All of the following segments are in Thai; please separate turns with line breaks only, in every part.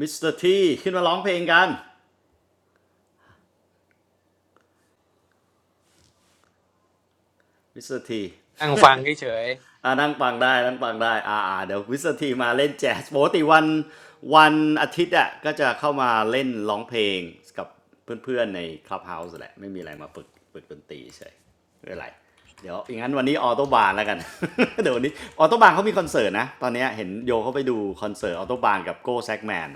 มิสเตอร์ทีขึ้นมาร้องเพลงกันมิสเตอร์ทีอ่านั่งฟังได้ นั่งฟังได้อ่าเดี๋ยวมิสเตอร์ทีมาเล่นแจ๊สปกติวันวันอาทิตย์อ่ะก็จะเข้ามาเล่นร้องเพลงกับเพื่อนๆในคลับเฮาส์แหละ ไม่มีอะไรมาฝึกฝึกดนตรีเฉยไม่เป็นไรเดี๋ยวอย่างนั้นวันนี้ออโตบานแล้วกัน เดี๋ยววันนี้ออโตบานเขามีคอนเสิร์ตนะ ตอนนี้เห็นโยเขาไปดูคอนเสิร์ตออโตบานกับโก้แซกแมน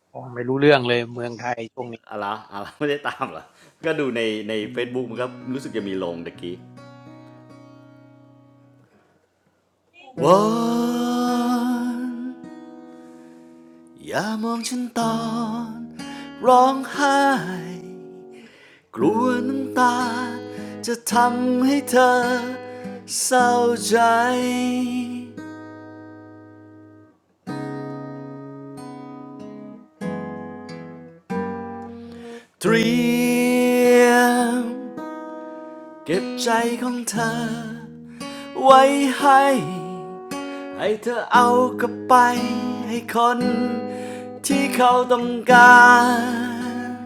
นั่งฟังเฉยๆฟังไม่รู้เรื่องเลยเมืองไทยช่วงนี้
อะไรออะไรอไม่ได้ตามเหรอก็ดูในใน Facebook มันก็รู้สึกจะมีลงตะกี้ วอนอย่ามองฉันตอนร้องไห้กลัวน้ำตาจะทำให้เธอเศร้าใจเตรียมเก็บใจของเธอไว้ให้ให้เธอเอากลับไปให้คนที่เขาต้องการ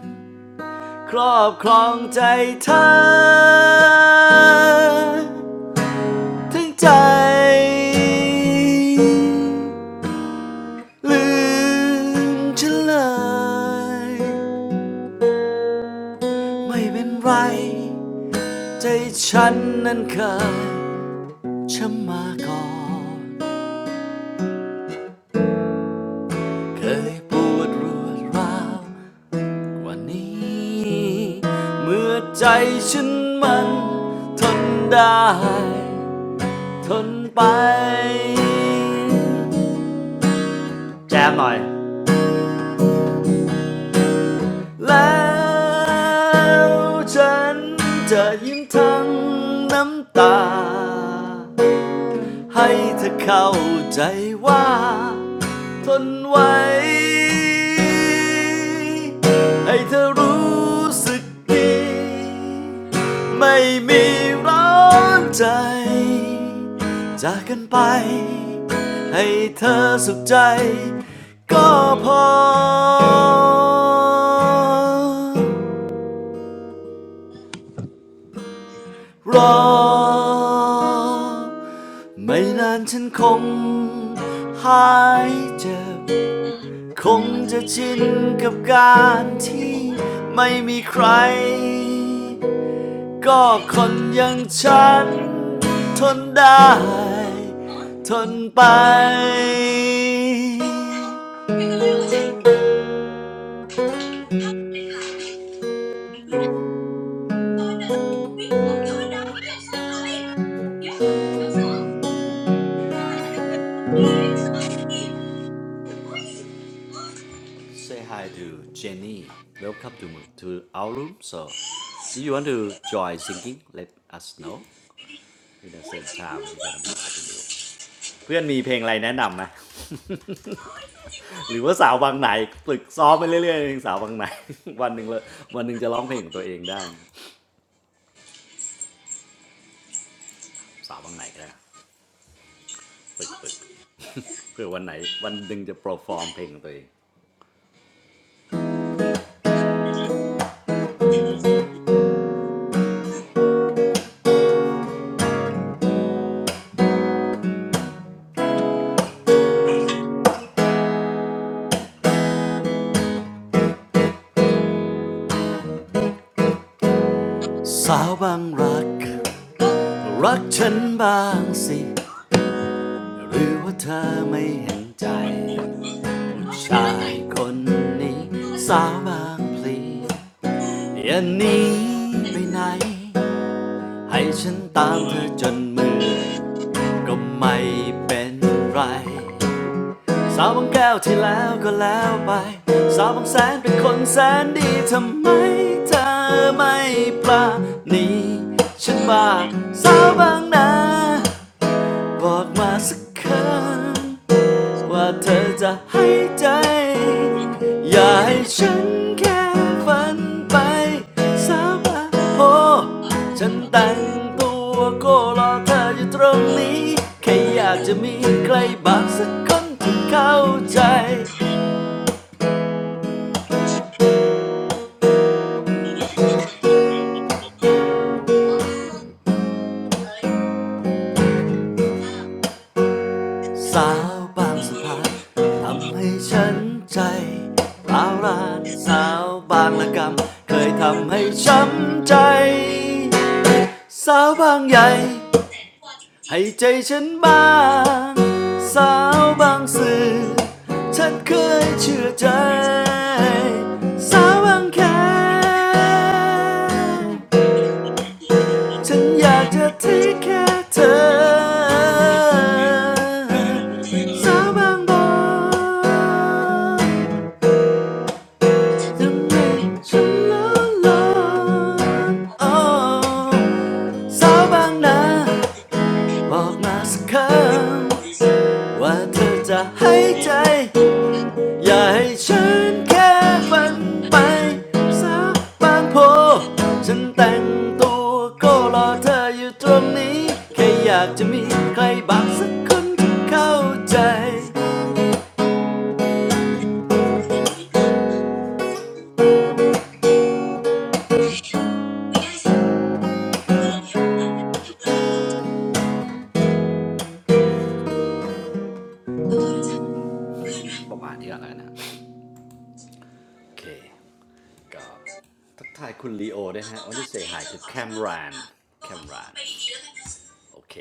ครอบครองใจเธอทั้งใจลืมฉันเลยไม่เป็นไรใจฉันนั้นเคยช้ำมาก่อนเคยปวดรวดร้าวกว่านี้เมื่อใจฉันมันทนได้ ทนไปแจมหน่อย แล้วฉันจะยิ้มทั้งน้ำตา ให้เธอเข้าใจว่าทนไว้ให้เธอรู้สึกดีไม่มีร้อนใจจากกันไปให้เธอสุขใจก็พอ รอไม่นานฉันคงหายเจ็บคงจะชินกับการที่ไม่มีใครก็คนอย่างฉันทนได้ทนไป Want to say hi to Jenny Welcome to to our room so if you want to join singing let us know in the same time we gonna be continue เพื่อนมีเพลงอะไรแนะนำไหมหรือว่าสาวบางไหนฝึกซ้อมไปเรื่อยๆเพลงสาวบางไหน วันหนึ่งเลยวันหนึ่งจะร้องเพลงของตัวเองได้นะสาวบางไหนก็ได้ฝึกฝึก เพื่อวันไหนวันหนึ่งจะโปรฟอร์มเพลงของตัวเองสาวบางรักรักฉันบางสิหรือว่าเธอไม่เห็นใจผู้ชายคนนี้สาวบางพลีอย่าหนีไปไหน ให้ฉันตามเธอจนเมื่อยก็ไม่เป็นไรสาวบางแก้วที่แล้วก็แล้วไปสาวบางแสนเป็นคนแสนดีทำไมเธอไม่ปลานีฉันบ้าสาวบางนาบอกมาสักคำ ว่าเธอจะให้ใจ อย่าให้ฉันแค่ฝันไปสาบานโพฉันแต่งตัวโก็รอเธออยู่ตรงนี้ แค่อยากจะมีใครบางสักคนที่เข้าใจ
เท่าไหร่แล้ว
สาวบางสะพานทำให้ฉันใจร้าวรานสาวบางละกำเคยทำให้ช้ำใจสาวบางใหญ่ ให้ใจฉันบ้างสาวบางสื่อฉันเคยเชื่อใจสาวบางแคฉันอยากจะที่แค่เธอ
คือเราเห็นขนาดนั้นที่เรามาต้อง
สาวบางบอนทำให้ฉันละลอนอ้อนสาวบางนาบอกมาสักคำ ว่าเธอจะให้ใจอย่าให้ฉันแค่ฝันไปสักบางโพฉันแต่งตัวก็รอเธออยู่ตรงนี้แค่อยากจะมีใครบางสักคนที่เข้าใจ
ขอโทษนะจ๊ะเพื่อนรักเขาต้องการจะให้เธอขอโทษเขานะเธอก็ขอโทษเขาไปดีๆแล้วกันนะฉันไม่ได้ทำอะไรผิดนะไม่ปกปิดเรื่องเป็นพนักงาน
ประมาณนี้่อะไรนะโอเคก็ทักทายคุณลีโอด้วยฮะวันที่เสียหายถึงแคมรานแคมราน
ขอเผาภัยปิด
โอเค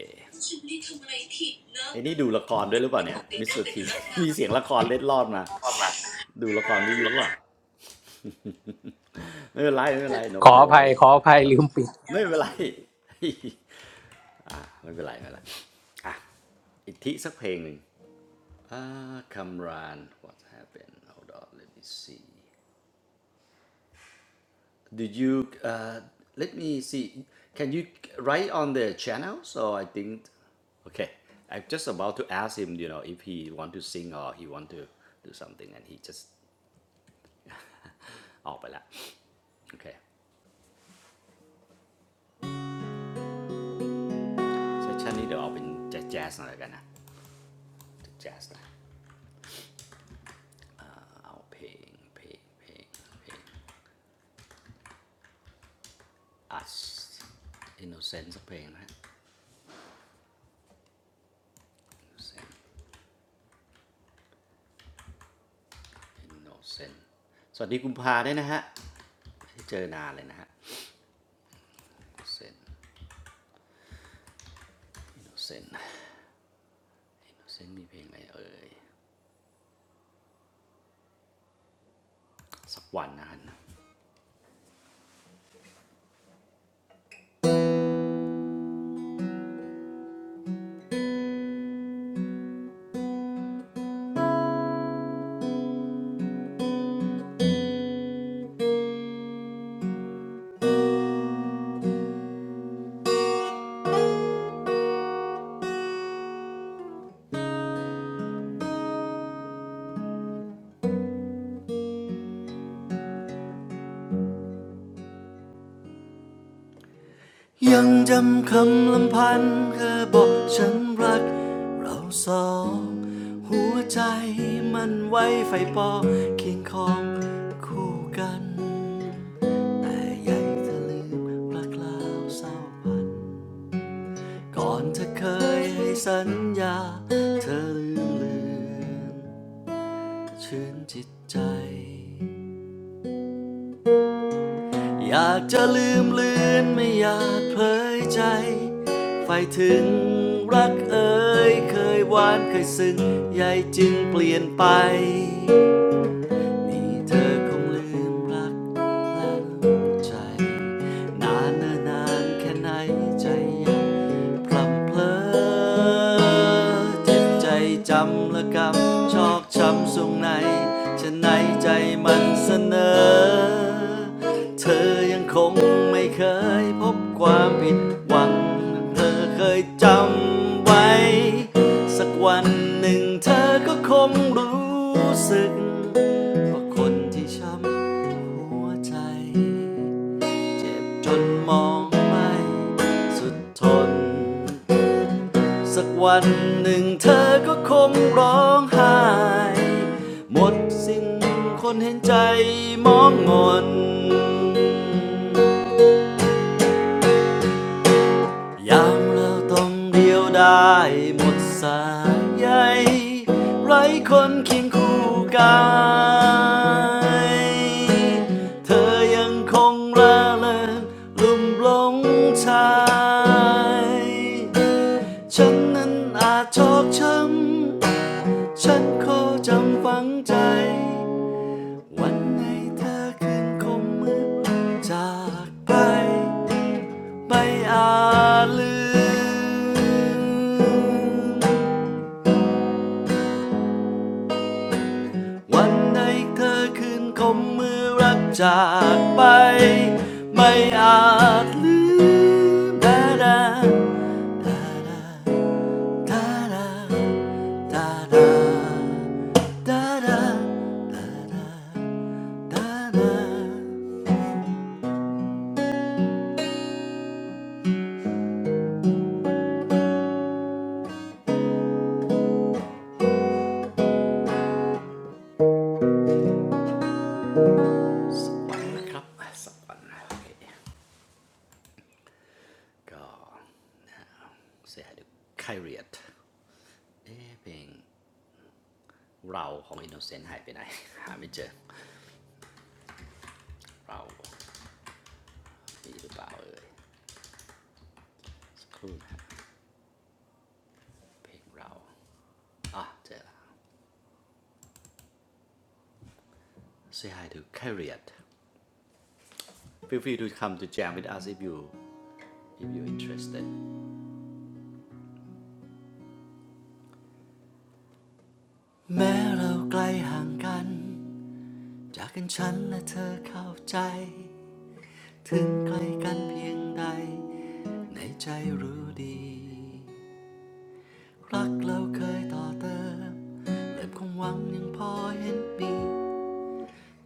ไอ้นี่ดูละครด้วยหรือเปล่าเนี่ยมิสเตอร์ทีมีเสียงละครเล็ดลอดมาดูละครวิทยุอ่ะ ไม่เป็นไรไม่เป็นไร no no worry
ได้ปะเธอ
ครับไม่เป็นไรไม่เป็นไรไม่เป็นไรอีกทีสักเพลงหนึ่งอ่าคำราน what happened hold on let me see did you uh let me see can you write on the channel so I think okay I'm just about to ask him you know if he want to sing or he want to do something and he just ออกไปแล้วโอเคเซสชันนี้เดี๋ยวเอาเป็นแจ๊สๆหน่อยแล้วกันนะแจ๊สนะเอาเพลงเพลงเพลงเพลง อั Innocent สักเพลงนะฮะ Innocent Innocent สวัสดีกุมภาด้วยนะฮะไม่ได้เจอนานเลยนะฮะ Innocent Innocent Innocent มีเพลงอะไรเอ่ยสักวันนะฮะยังจำคำลำพันธ์เคยบอกฉันรักเราสองหัวใจมันไว้ไฟปอเคียงคองคู่กันแต่ใหญ่จะลืมรักลาวเศร้าพัน ก่อนเธอเคยให้สัญญาเธอลืมเลือนชื่นจิตใจอยากจะลืมเลือนไม่อยากเผยใจไฟถึงรักเอ่ยเคยหวานเคยซึ้งใหญ่จึงเปลี่ยนไป นี่เธอคงลืมรักและใจนานเนิ่นนานแค่ไหนใจยังพลับเพลอเจ็บใจจำและกำชอกช้ำสรงในฉะไหนใจมันเสนอเธอยังคงไม่เคยพบความผิดหวังเธอเคยจำไว้สักวันหนึ่งเธอก็คงรู้สึก เพราะคนที่ช้ำหัวใจเจ็บจนมองไม่สุดทนสักวันหนึ่งเธอก็คงร้องไห้หมดสิ้นคนเห็นใจมองงอน ยามเราต้องเดียวได้หมดสายใยไร้คนเคียงคู่กายเธอยังคงระเริงลุ่มหลงชายฉันนั้นอาจชอกช้ำฉันขอจำฝังใจวันไหนเธอคืนคงมืดจากไป ไม่อาจลืมวันไหนเธอคืนคมมือรักจากไปไม่อาจลืมดาดาดาดาดาดาดาดาดาสวรรค์นะครับสวรรค์โอเค ก็เสียดูไคเรียตเอ๊ะเพลงเราของอินโนเซนต์หายไปไหนหาไม่เจอเรามีหรือเปล่าเอ่ยสักครู่ เพลงเราอ่ะเจอและ Say hi to Carriot Feel free to come to jam with us if you if you interested แม้เราไกลห่างกัน จากกันฉันและเธอเข้าใจ ถึงไกลกันเพียงใด ในใจรู้ดี รักเราเคยต่อเติมเติ่มความหวังยังพอเห็นมี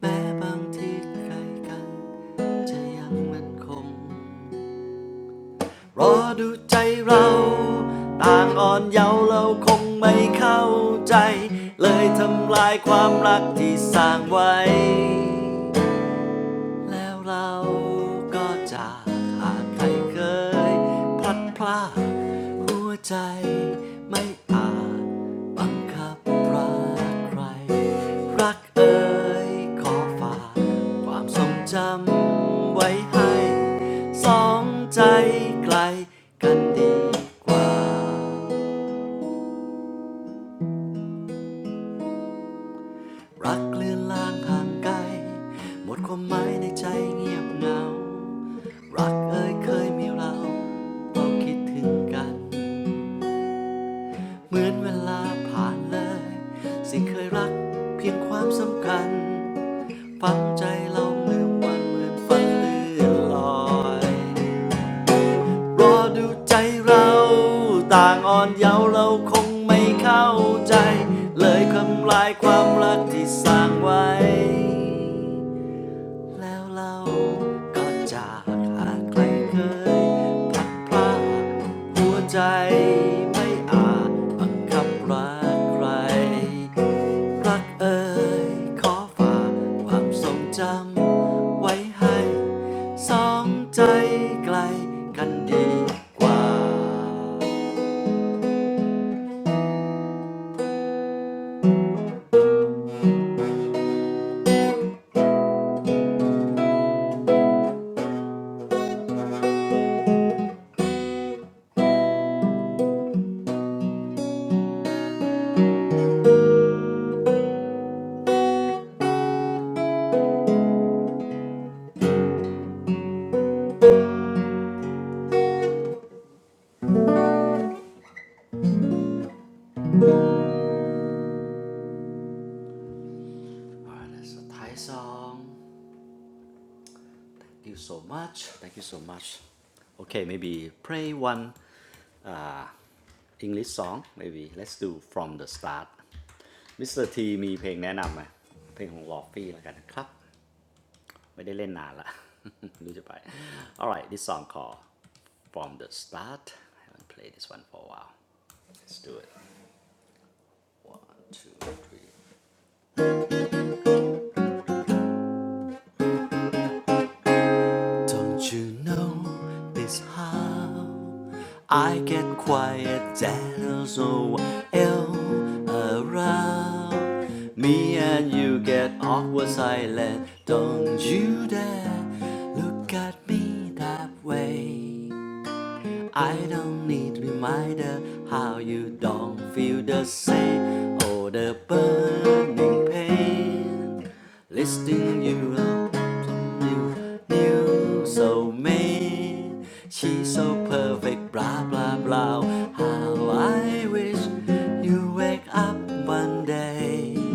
แม้บางทีไกลกัน จะยังมันคง รอดูใจเราต่างอ่อนเยาว์เราคงไม่เข้าใจเลยทำลายความรักที่สร้างไว้ แล้วเราก็จะหากใครเคยพลัดพรากหัวใจไม่อาจบังคับรักใครรักเอ่ยขอฝากความทรงจำไว้ให้สองใจไกลกันดีกว่ารักเลือนลางห่างไกลหมดความหมายในใจเงียบเหงา รักเอ่ยเคยมีเราเราคิดถึงกันเหมือนเวลาผ่านเลยสิ่งเคยรักเพียงความสำคัญฝังใจเราเหมือนวันเหมือนฝันเลื่อนลอยรอดูใจเราต่างอ่อนเยาว์เราคงไม่เข้าใจเลยคำลายความรักที่สร้างไว้ แล้วเราก็จากหากใครเคยพลัดพรากหัวใจไม่อาจบังคับรักใครรักเอ่ยขอฝากความทรงจำไว้ให้สองใจไกลกันดีกว่า Alright, so Thai song. Thank you so much. Thank you so much. Okay, maybe pray one English song maybe let's do from the start Mr. T มีเพลงแนะนำไหม เพลงของลอฟฟี่แล้วกันนะครับ ไม่ได้เล่นนานละ รู้จะไป alright this song called from the start I haven't played this one for a while let's do it one two three Don't you know this how I get quiet that so ill around me and you get awkward silent. Don't you dare look at me that way. I don't need reminder how you don't feel the same or the burning pain. Listing you up to new, new soulmate. She's so perfect, blah blah blah. How I wish you wake up one day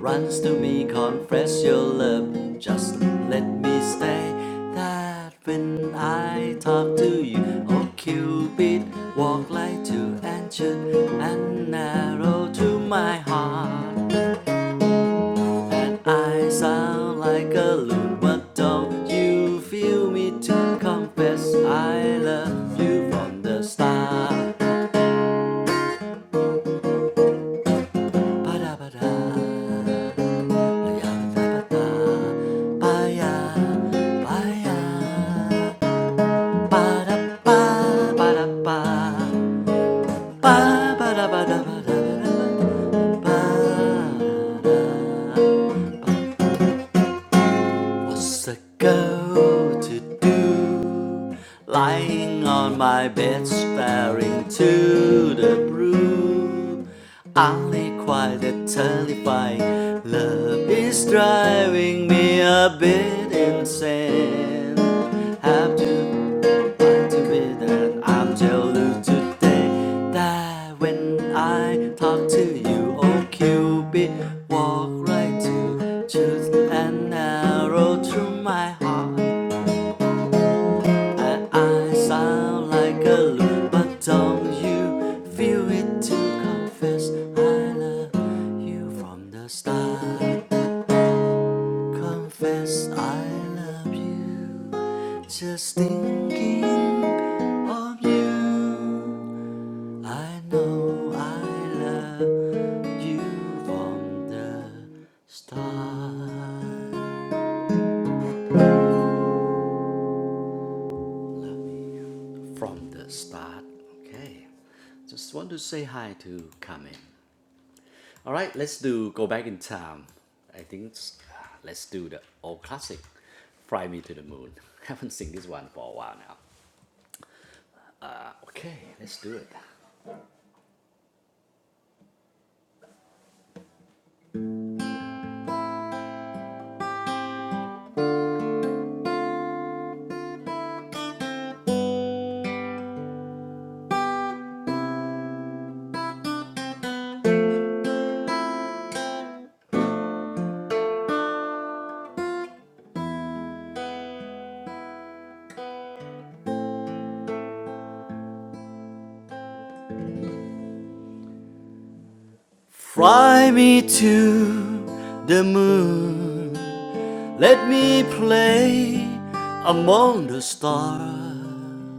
runs to me, confess your love. Just let me stay. That when I talk to you, oh Cupid, walk like to ancient and narrow to my heart. That I sound like a loon, but don't you feel me to confess I love you from the start? Ba-da-ba-da. What's a girl to do? Lying on my bed, staring to the blue. Only quite a terrifying love is driving me a bit in Saying have to fight to be that I'm jealous today that when I talk to you oh Cupid walk right to choose an arrow through my heart and I sound like a loon but don't you feel it to confess I love you from the start Confess I love you. Just thinking of you. I know I love you from the start. Love you from the start. Okay. Just want to say hi to Carmen. All right, let's do go back in time. I think it's- let's do the old classic, Fly Me to the Moon. Haven't seen this one for a while now. Uh, Okay, let's do it. Fly me to the moon. Let me play among the stars.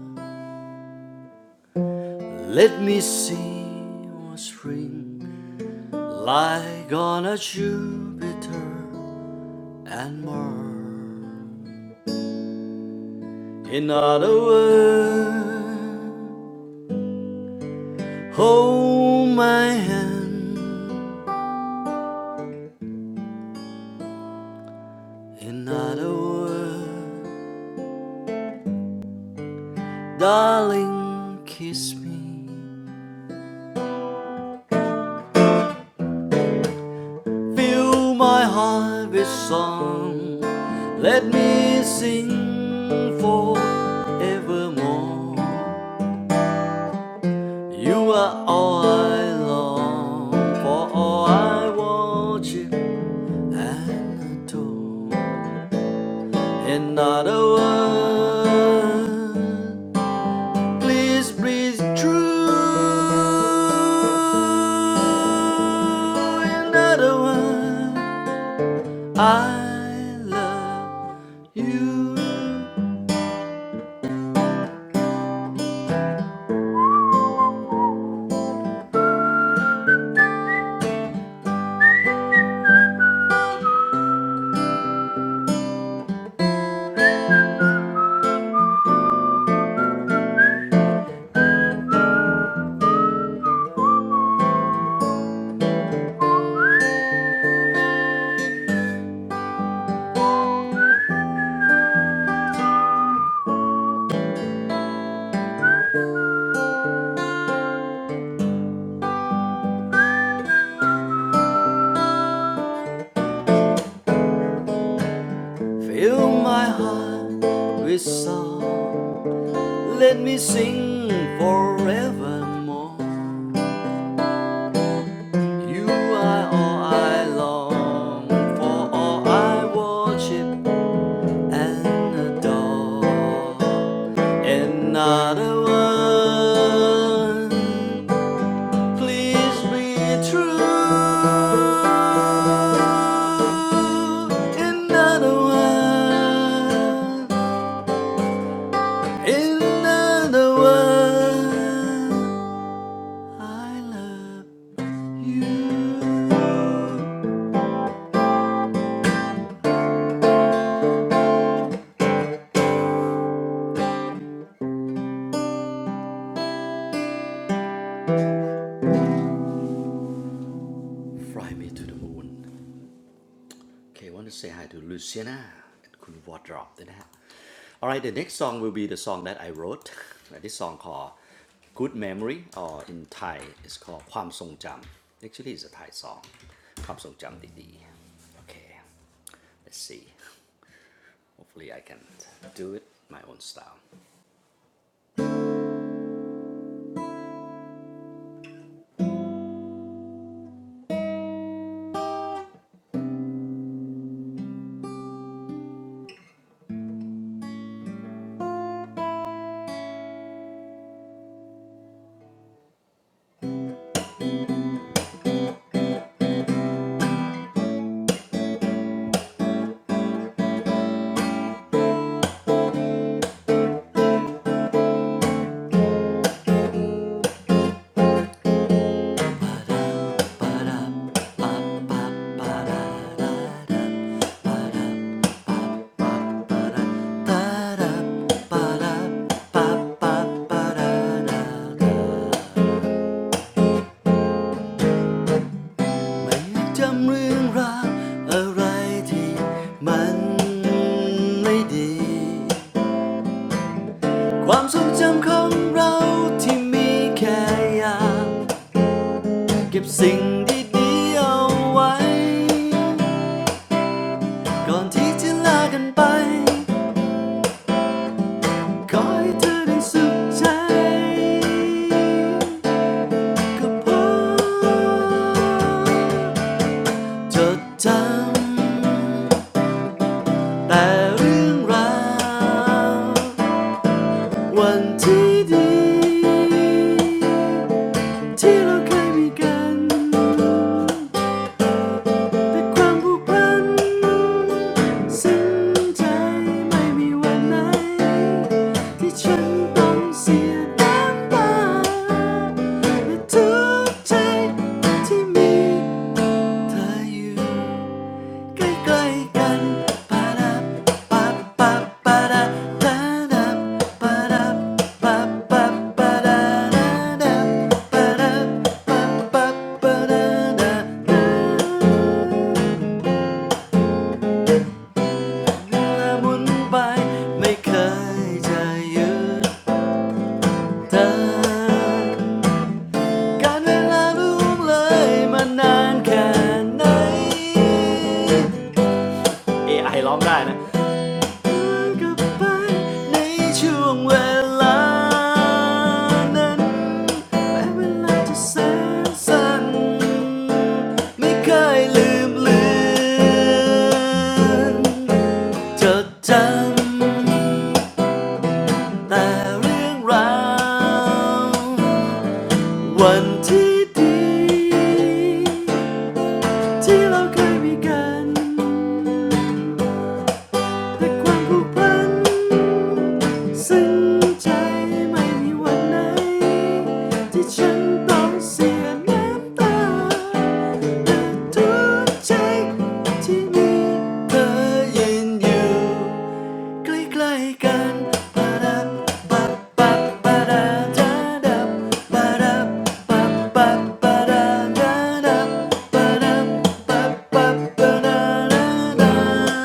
Let me see what spring like on a Jupiter and Mars. In other words, hold my hand. In other words, Darling, kiss me. Fill my heart with song. Let me sing forevermore. You are all I long for, all I worship and adore. Another word, please breathe true. Another word. I love you. Fill my heart with song. Let me sing forevermore. You are all I long for, all I worship and adore. Another one. Please be true. Another one. Another one. I love you. Fly me to the moon. Okay, I want to say hi to Luciana and Kun Wardrop Alright, the next song will be the song that I wrote. This song called Good Memory or in Thai it's called Kwam Song Jam. Actually it's a Thai song. Kwam Song Jam, Didi. Okay, let's see. Hopefully I can do it my own style. Ba-da, ba-da, ba-ba-ba-da-da. ไม่จำเรื่องราวอะไรที่มันไม่ดี ความทรงจำของเราที่มีแค่อยากเก็บสิ่งดีๆเอาไว้ ก่อนที่จะลากันไปขอให้เธอได้สุขใจก็พอจดจำแต่เรื่องราว วันที่ดีที่เราเคยมีกัน แต่ความผูกพันซึ้งใจไม่มีวันไหนที่ฉันต้องเสียน้ำตาและทุกใจที่มีเธออยู่ ใกล้ๆกันปะดับปะปะปะดะดาดับปะดับปะปะปะดาดดับปะดับปะปะปะดาดะละมุนไป ไม่เคยจะหยุดเธอการเวลาล่วงเลยมานานแค่ไหน เอ AI ร้องได้นะ กลับไปในช่วงเวลานั้นแม้เวลาจะแสนสั้นไม่เคยลืมเลือนจดจำแต่เรื่องราววันที่ดีที่เราเคยมีกันแต่ความผูกพัน ซึ้งใจไม่มีวันไหนที่ฉันต้องเสียน้ำตาแต่ทุกใจที่มีเธอยืนอยู่ใกล้ๆกันปะดับปัปัปะดาดาดับปะดับปัปะดาดาดับปะดับปัปัปะดดาดา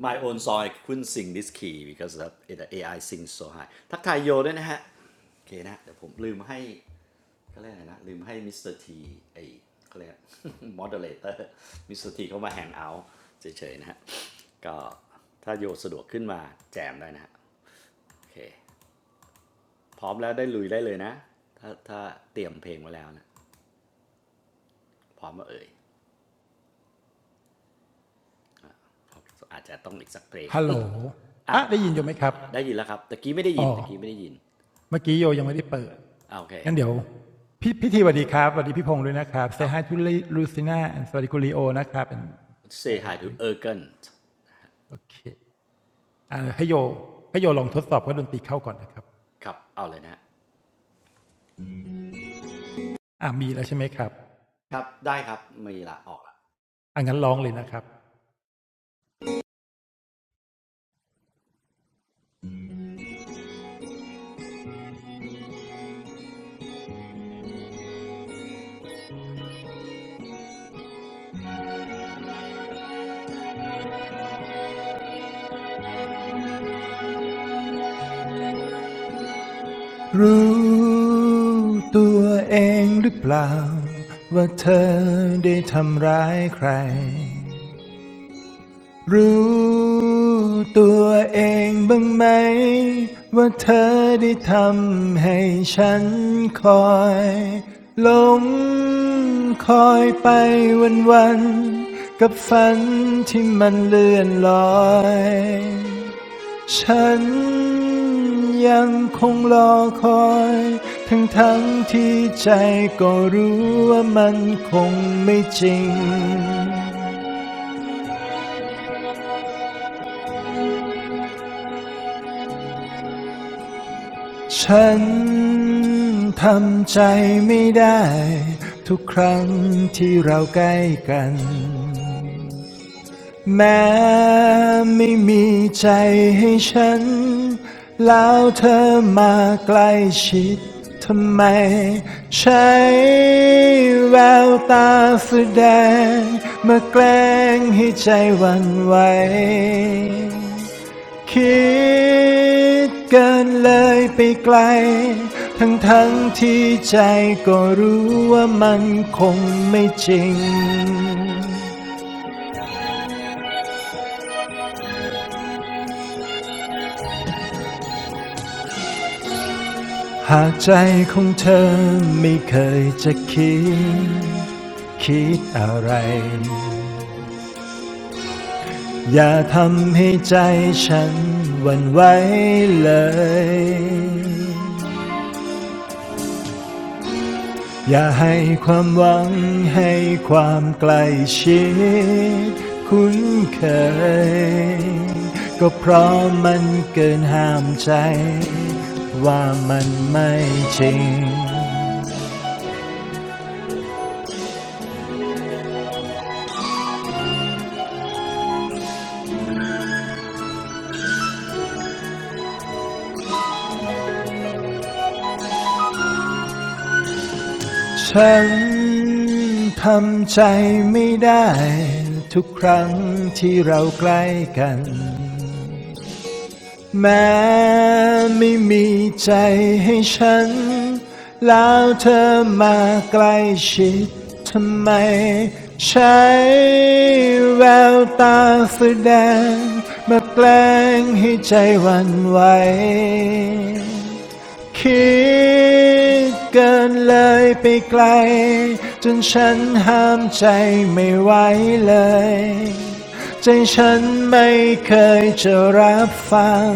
my own song I couldn't sing this key because of it AI sings so high ทักทายโยด้วยนะฮะโอเคนะเดี๋ยวผมลืมให้เขาเรียกอะไรนะลืมให้มิสเตอร์ทีไอเขาเรียก moderator มิสเตอร์ทีเขามาแฮงเอาทเฉยๆนะฮะก็ถ้าโยสะดวกขึ้นมาแจมได้นะฮะโอเคพร้อมแล้วได้ลุยได้เลยนะถ้าถ้าเตรียมเพลงไว้แล้วนะพร้อมมาเอ่ยอาจจะต้องอีกสักเพลง อ่ะมาละมาละได้ยินแล้วครับตะกี้ไม่ได้ยินตะกี้ไม่ได้ยินโอเคครับ say hi to Ergen ครับเอาเลยนะครับได้ครับไม่ละออกละ
ตัวเองบ้างไหมว่าเธอได้ทำให้ฉันคอยหลงคอยไปวันวันๆกับฝันที่มันเลื่อนลอยฉันยังคงรอคอยทั้งทั้งที่ใจก็รู้ว่ามันคงไม่จริง ฉันทำใจไม่ได้ทุกครั้งที่เราใกล้กัน แม้ไม่มีใจให้ฉันแล้วเธอมาใกล้ชิดทำไมใช้แววตาแสดงมาแกล้งให้ใจหวันไหวคิดเกินเลยไปไกลทั้งทั้งที่ใจก็รู้ว่ามันคงไม่จริง หากใจของเธอไม่เคยจะคิดคิดอะไรอย่าทำให้ใจฉันหวันไหวเลยอย่าให้ความหวังให้ความใกล้ชิดคุ้นเคยก็เพราะมันเกินห้ามใจว่ามันไม่จริง ฉันทำใจไม่ได้ทุกครั้งที่เราใกล้กันแม้ไม่มีใจให้ฉันแล้วเธอมาใกล้ชิดทำไมใช้แววตาฝืแดงมาแกล้งให้ใจหวันไหว คิดเกินเลยไปไกลจนฉันห้ามใจไม่ไหวเลยใจฉันไม่เคยจะรับฟัง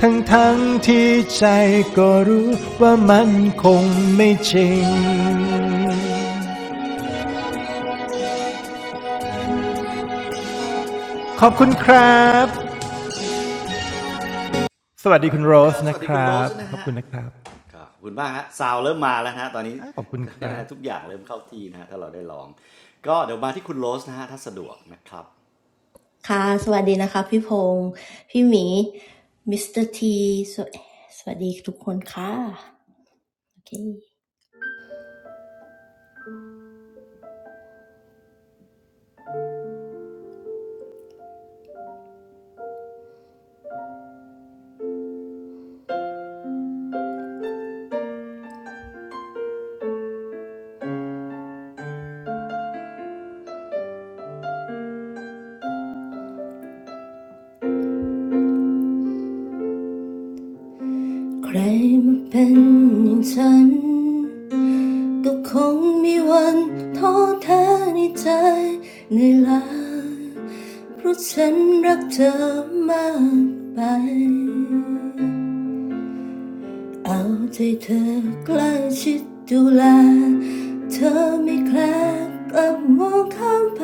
ทั้งทั้งๆที่ใจก็รู้ว่ามันคงไม่จริงขอบคุณครับสวัสดีคุณโร
คุณค
ส
รับส
นะ
วัส
ค
ดีคุณโร
รั
ส
บ
นะ
ขอบ
ฮะ
คุณนะครับ
ครับคุณมากฮะซาวเริ่มมาแล้วนะฮะตอนนี้
ขอบคุณครับ
ทุกอย่างเริ่มเข้าที่นะฮะถ้าเราได้ลองก็เดี๋ยวมาที่คุณโรสนะฮะถ้าสะดวกนะครับ
ค่ะ เอาใจเธอใกล้ชิดดูแลเธอไม่แคลกลับมองข้ามไป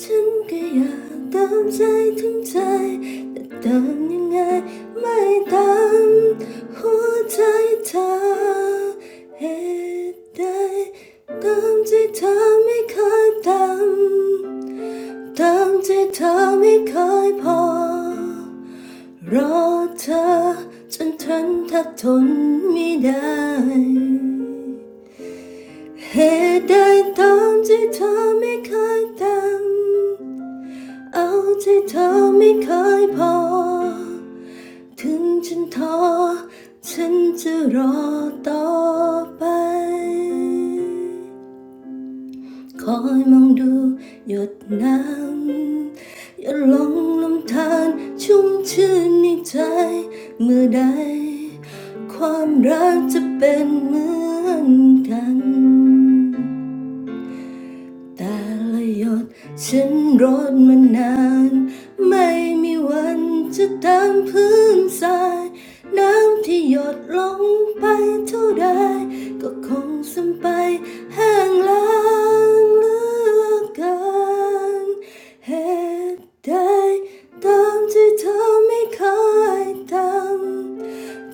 ฉันก็อยากเติมใจถึงใจแต่เติมยังไงไม่ตามหัวใจเธอเหตุใดเติมใจเธอไม่เคยเติมเติมใจเธอไม่เคยพอ รอเธอ choen tran tha ton mi dai he die tam de tha mi khai tam ao de tha mi khai pao thung chan tho chan je ro to bay. คอยมองดูหยดน้ำหยดลงลำธารชุ่มชื่นในใจเมื่อใด แต่ละหยดฉันรดมานาน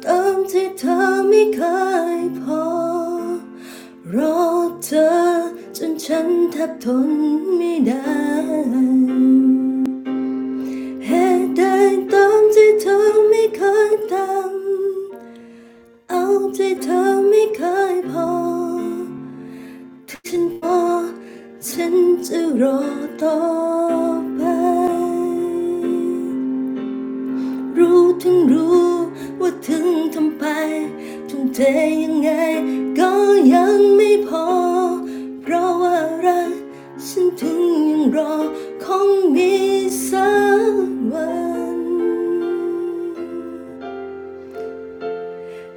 ตามที่เธอไม่เคยพอรอเธอจนฉันแทบทนไม่ได้เหตุใดตามที่เธอไม่เคยทำเอาที่เธอไม่เคยพอถ้าฉันพอฉันจะรอต่อไป รู้ถึงรู้ว่าถึงทำไปทุ่มเทยังไง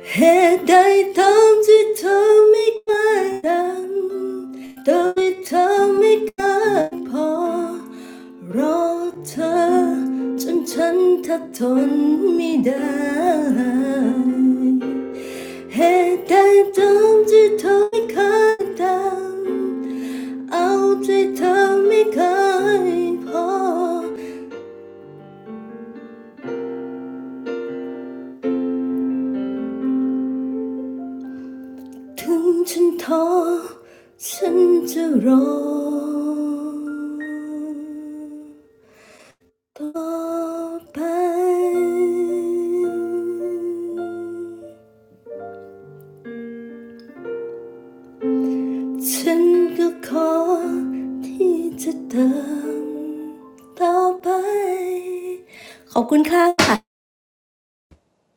had I thumbs it to make my gun, thumbs it to make a paw, รอเธอจนฉันทนทนไม่ได้เหตุใดเธอจึงทำให้เคยทำเอาใจเธอไม่เคยพอ ถึงฉันท้อฉันจะรอต่อไป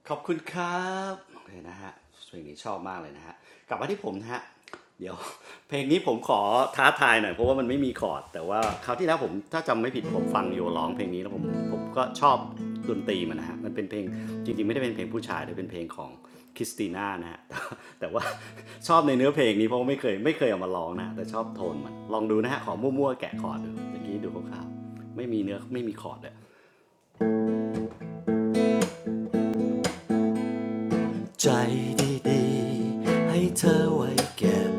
ขอบคุณครับเอเนะฮะเพลงนี้ชอบมากเลยนะฮะกลับมาที่ผมนะฮะเดี๋ยวเพลงนี้ผมขอท้าทายหน่อยเพราะว่ามันไม่มีคอร์ดแต่ว่าคราวที่แล้วผมถ้าจำไม่ผิดผมฟังโยร้องเพลงนี้แล้วผมผมก็ชอบดนตรีมันนะฮะมันเป็นเพลงจริงๆไม่ได้เป็นเพลงผู้ชายแต่เป็นเพลงของคริสติน่านะฮะ แต่ว่าชอบในเนื้อเพลงนี้เพราะไม่เคยไม่เคยเอามาร้องนะแต่ชอบโทนมันลองดูนะฮะขอมั่วๆแกะคอร์ดดูเมื่อกี้ดูคร่าวๆไม่มีเนื้อไม่มีคอร์ดเลย ใจดีๆให้เธอไว้เก็บ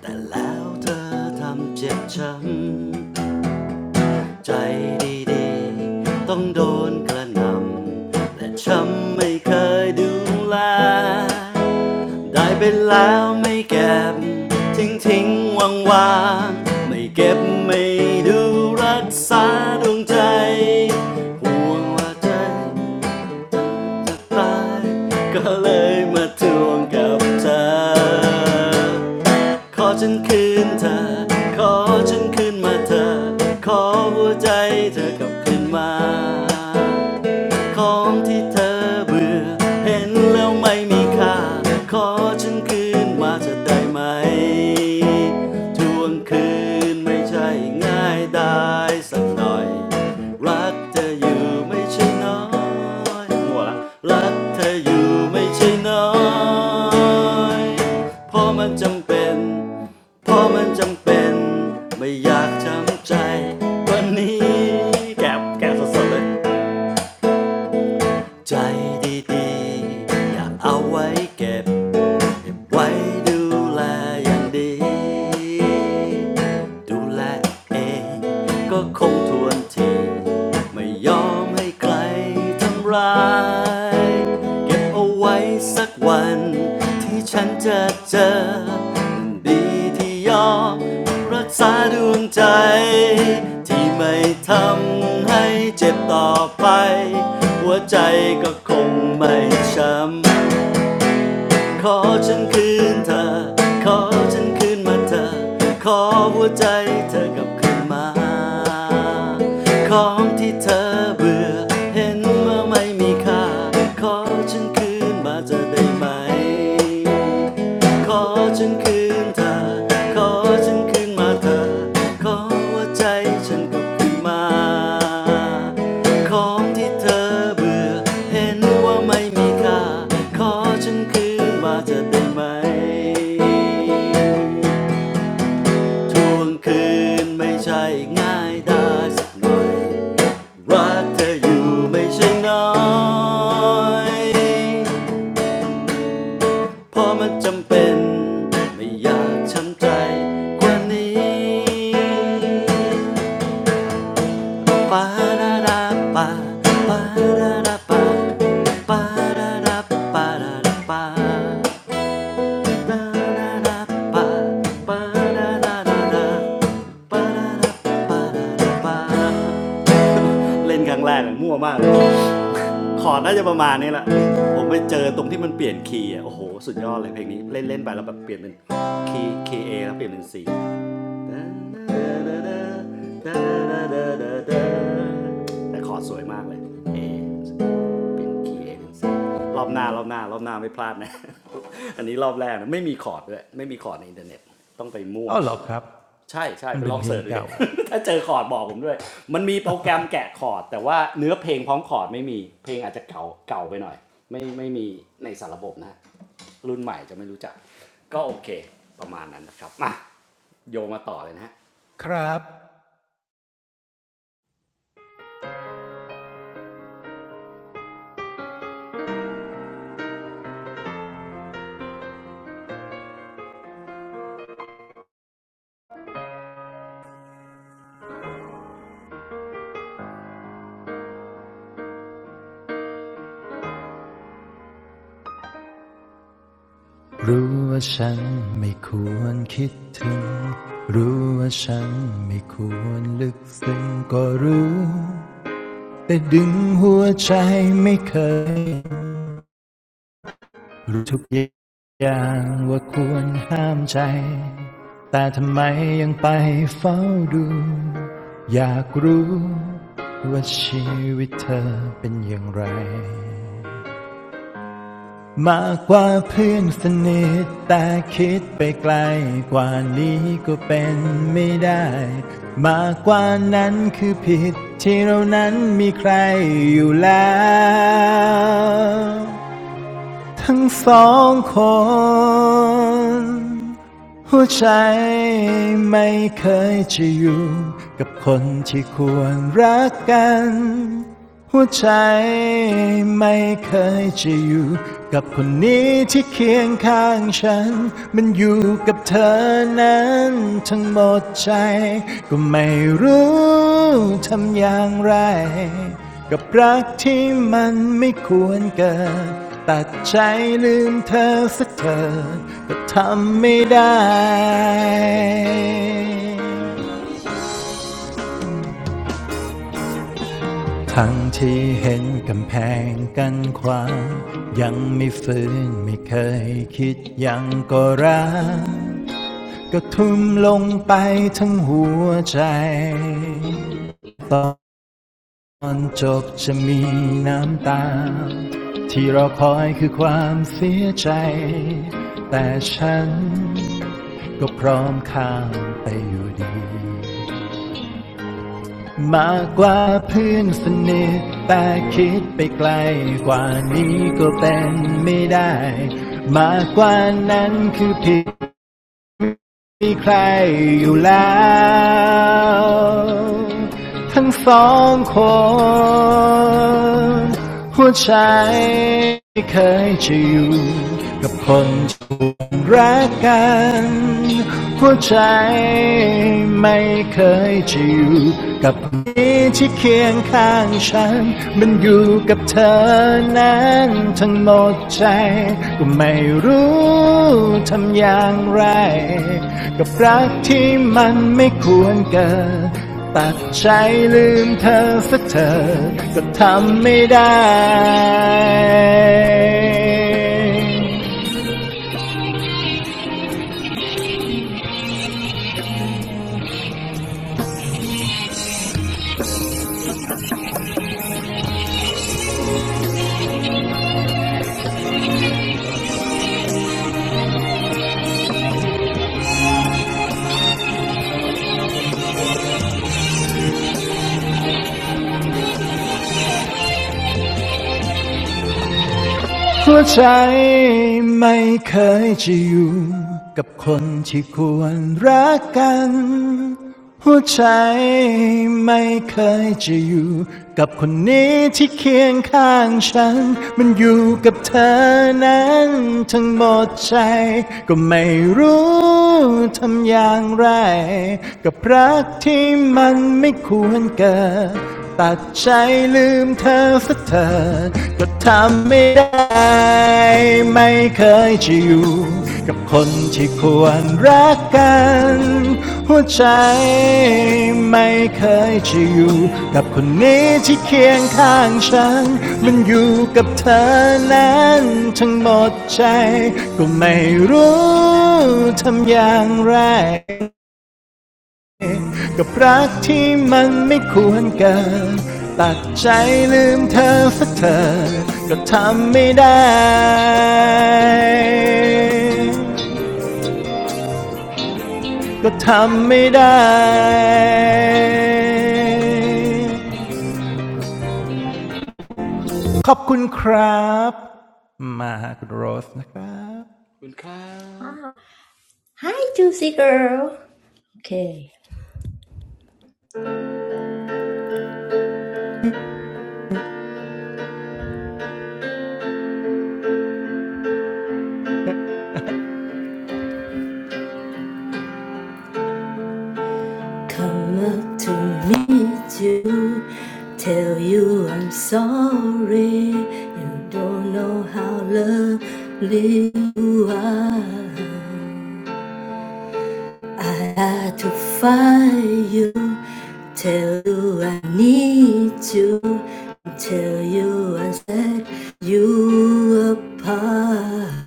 แต่แล้วเธอทำเจ็บช้ำใจดีๆต้องโดนกระหน่ำแต่ช้ำไม่เคยดูแลได้ไปแล้วไม่เก็บทิ้งทิ้งวางวางๆไม่เก็บไม่ดูรักษาดวงใจห่วงว่าใจ ตายก็เลยมาทวงกับเธอ ขอฉันคืนเธอ ขอฉันคืนมาเธอ ขอหัวใจเธอกลับคืนมา ของที่เธอเบื่อเห็นแล้วไม่มีค่าขอฉันคืนมาจะได้ไหมทวงคืนไม่ใช่ง่ายได้สักหน่อยรักเธออยู่ไม่ใช่น้อยหัวละรักเธออยู่ไม่ใช่น้อยเพราะมันจำเป็นเพราะมันจำเป็นไม่อยากจำใจวันนี้แกบแกบสดๆเลย ใจดีๆอย่ากเอาไว้เก็บ ไว้ดูแลอย่างดี ดูแลเองก็คงทวนที ไม่ยอมให้ใครทำร้าย เก็บเอาไว้สักวันที่ฉันจะเจอมันดีที่ยอมรักษาดวงใจที่ไม่ทำให้เจ็บต่อไปหัวใจก็คงไม่ช้ำ ขอฉันคืนเธอ ขอฉันคืนมาเธอ ขอหัวใจเธอกลับคืนมาของที่เธอเบื่อเห็นว่าไม่มีค่า ขอฉันคืนมาจะได้ไหม ขอฉันคืนเธอ ขอฉันคืนมาเธอ ขอว่าใจฉันกลับคืนมา ของที่เธอเบื่อเห็นว่าไม่มีค่า ขอฉันคืนมาเธอได้ไหมทวงคืนไม่ใช่ง่ายได้ักยรักเธออยู่ไม่ใช่น้อย เพราะมันจำเป็นไม่อยากช้ำใจกว่านี้ปาราดาปาปาราดาปาปาราดาปาราดาปาาราดาปาปาราดาดาปาราดาปาราดาปาเล่นครั้งแรกมั่วมาก ขอร์ดน่าจะประมาณนี้แหละผมไปเจอตรงที่มันเปลี่ยนคีย์อ่ะโอ้โหสุดยอดเลยเพลงนี้เล่นเล่นไปแล้วแบบเปลี่ยนเป็นคีย์คีย์เอแล้วเปลี่ยนเป็นซีแต่ขอร์ดสวยมากเลย A เป็นคีย์เอเป็นซีรอบหน้ารอบหน้ารอบหน้าไม่พลาดนะ อันนี้รอบแรกนะไม่มีคอร์ดเลยไม่มีคอร์ดในอินเทอร์เน็ตต้องไปมั่ว ใช่ใช่ไปลองเสิร์ชดูเด็ก ถ้าเจอคอร์ดบอกผมด้วยมันมีโปรแกรมแกะคอร์ดแต่ว่าเนื้อเพลงพร้อมคอร์ดไม่มีเพลงอาจจะเก่าเก่าไปหน่อยไม่ไม่มีในสารระบบนะรุ่นใหม่จะไม่รู้จักก็โอเคประมาณนั้นนะครับมาโยมาต่อเลยนะฮะขอบ
รู้ว่าฉันไม่ควรคิดถึง รู้ว่าฉันไม่ควรลึกซึ้งก็รู้ แต่ดึงหัวใจไม่เคย รู้ทุกอย่างว่าควรห้ามใจ แต่ทำไมยังไปเฝ้าดู อยากรู้ว่าชีวิตเธอเป็นอย่างไร มากกว่าเพื่อนสนิทแต่คิดไปไกลกว่านี้ก็เป็นไม่ได้มากกว่านั้นคือผิดที่เรานั้นมีใครอยู่แล้ว ทั้งสองคนหัวใจไม่เคยจะอยู่กับคนที่ควรรักกันหัวใจไม่เคยจะอยู่กับคนนี้ที่เคียงข้างฉันมันอยู่กับเธอนั้นทั้งหมดใจก็ไม่รู้ทำอย่างไร กับรักที่มันไม่ควรเกิดตัดใจลืมเธอสักเธอก็ทำไม่ได้ทั้งที่เห็นกำแพงกันความยังไม่ฟื้นไม่เคยคิดยังก็รักก็ทุ่มลงไปทั้งหัวใจต ตอนจบจะมีน้ำตาที่เราคอยคือความเสียใจแต่ฉันก็พร้อมข้ามไปอยู่ดีมากกว่าเพื่อนสนิทแต่คิดไปไกลกว่านี้ก็เป็นไม่ได้มากกว่านั้นคือผิด มีใครอยู่แล้วทั้งสองคนหัวใจไม่เคยจะอยู่กับคน รักกันหัวใจไม่เคยจะอยู่กับคนี้ที่เคียงข้างฉัน มันอยู่กับเธอนั้นทั้งหมดใจ ก็ไม่รู้ทำอย่างไร กับรักที่มันไม่ควรเกิดตัดใจลืมเธอสักเธอก็ทำไม่ได้ หัวใจไม่เคยจะอยู่กับคนที่ควรรักกันหัวใจไม่เคยจะอยู่กับคนนี้ที่เคียงข้างฉัน มันอยู่กับเธอนั้นทั้งหมดใจก็ไม่รู้ทำอย่างไรกับรักที่มันไม่ควรเกิด ตัดใจลืมเธอสักเธอก็ทำไม่ได้ไม่เคยจะอยู่กับคนที่ควรรักกันหัวใจไม่เคยจะอยู่กับคนนี้ที่เคียงข้างฉันมันอยู่กับเธอนั้นทั้งหมดใจก็ไม่รู้ทำอย่างไร กับรักที่มันไม่ควรเกิดตัดใจลืมเธอสักเธอก็ทำไม่ได้ก็ทำไม่ได้ขอบคุณครับมาหาคุณโรสนะครับ
คุณครับ
Ah, Hi juicy girl Okay Come up to meet you, tell you I'm sorry. You don't know how lovely you are. I had to find you, tell you I need you, tell you I set you apart.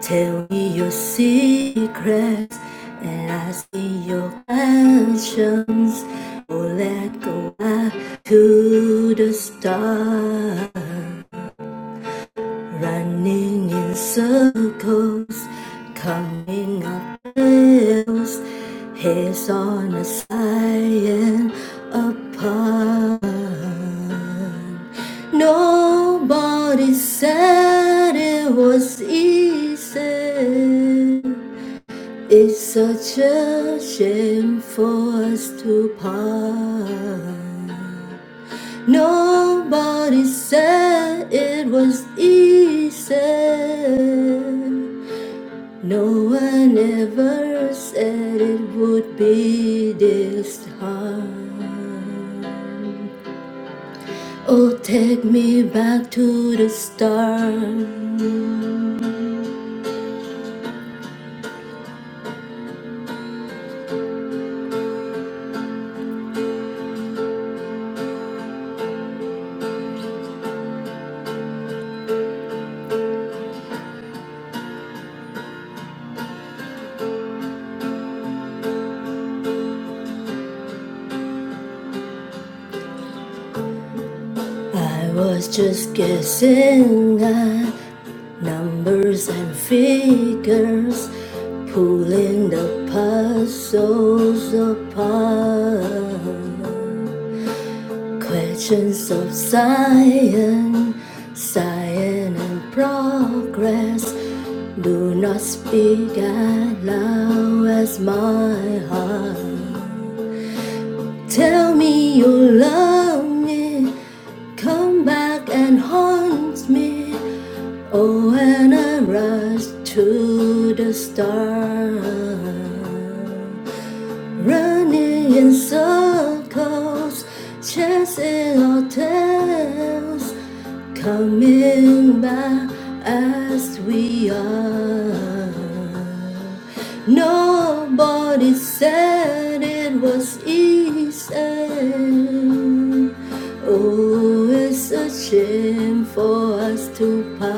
Tell me your secrets, and I see your passions. Oh, let go back to the stars. Running in circles, coming up hills, heads on a scion apart. Nobody said it was easy. It's such a shame for us to part. Nobody said it was easy. No one ever said it would be this hard. Oh, take me back to the start. I was just guessing at numbers and figures, pulling the puzzles apart. Questions of science, science and progress do not speak as loud as my heart. Tell me you love me. Come back and haunt me. Oh, when I rush to the stars. Running in circles, chasing our tails, coming back as we are. Nobody said it was easy. Oh, it's a shame for us to part.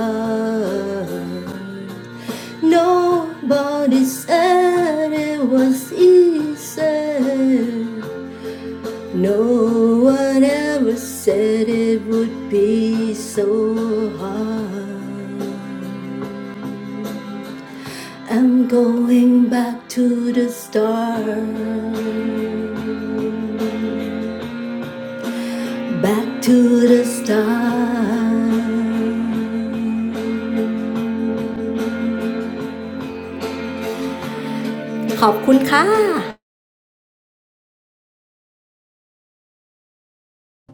Nobody said it was was easy. No one ever said it would be so hard. I'm going back to the start. Back to the start ขอบคุณค่ะ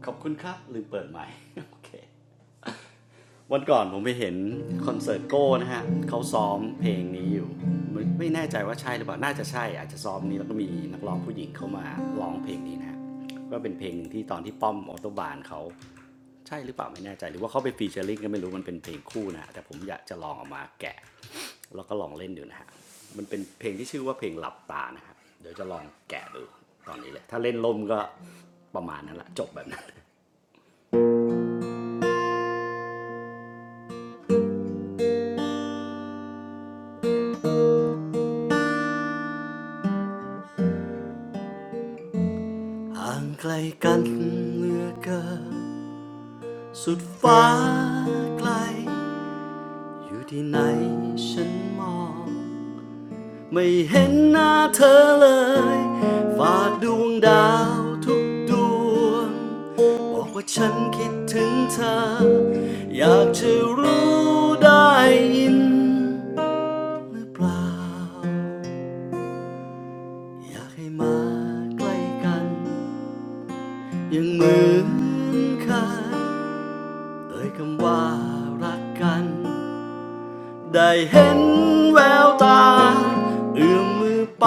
ขอบคุณครับลืมเปิดใหม่ โอเค วันก่อนผมไปเห็นคอนเสิร์ตโก้นะฮะเขาซ้อมเพลงนี้อยู่ไม่แน่ใจว่าใช่หรือเปล่าน่าจะใช่อาจจะซ้อมนี้แล้วก็มีนักร้องผู้หญิงเข้ามาร้องเพลงนี้นะฮะก็เป็นเพลงหนึ่งที่ตอนที่ป้อมออโตบานเขาใช่หรือเปล่าไม่แน่ใจหรือว่าเขาไปฟีเจอริ่งก็ไม่รู้มันเป็นเพลงคู่นะฮะแต่ผมอยากจะลองเอามาแกะแล้วก็ลองเล่นดูนะฮะมันเป็นเพลงที่ชื่อว่าเพลงหลับตานะฮะเดี๋ยวจะลองแกะดูตอนนี้เลยถ้าเล่นลมก็ประมาณนั้นแหละจบแบบนั้นห่างไกลกันเหลือเกิน สุดฟ้าไกลอยู่ที่ไหนฉันมองไม่เห็นหน้าเธอเลยฝากดวงดาวทุกดวงบอกว่าฉันคิดถึงเธออยากจะรู้ได้ยินหรือเปล่าอยากให้มาใกล้กันยังเหมือนเคยเอ่ยคำว่ารักกัน ได้เห็นแววตาเอื้อมมือไป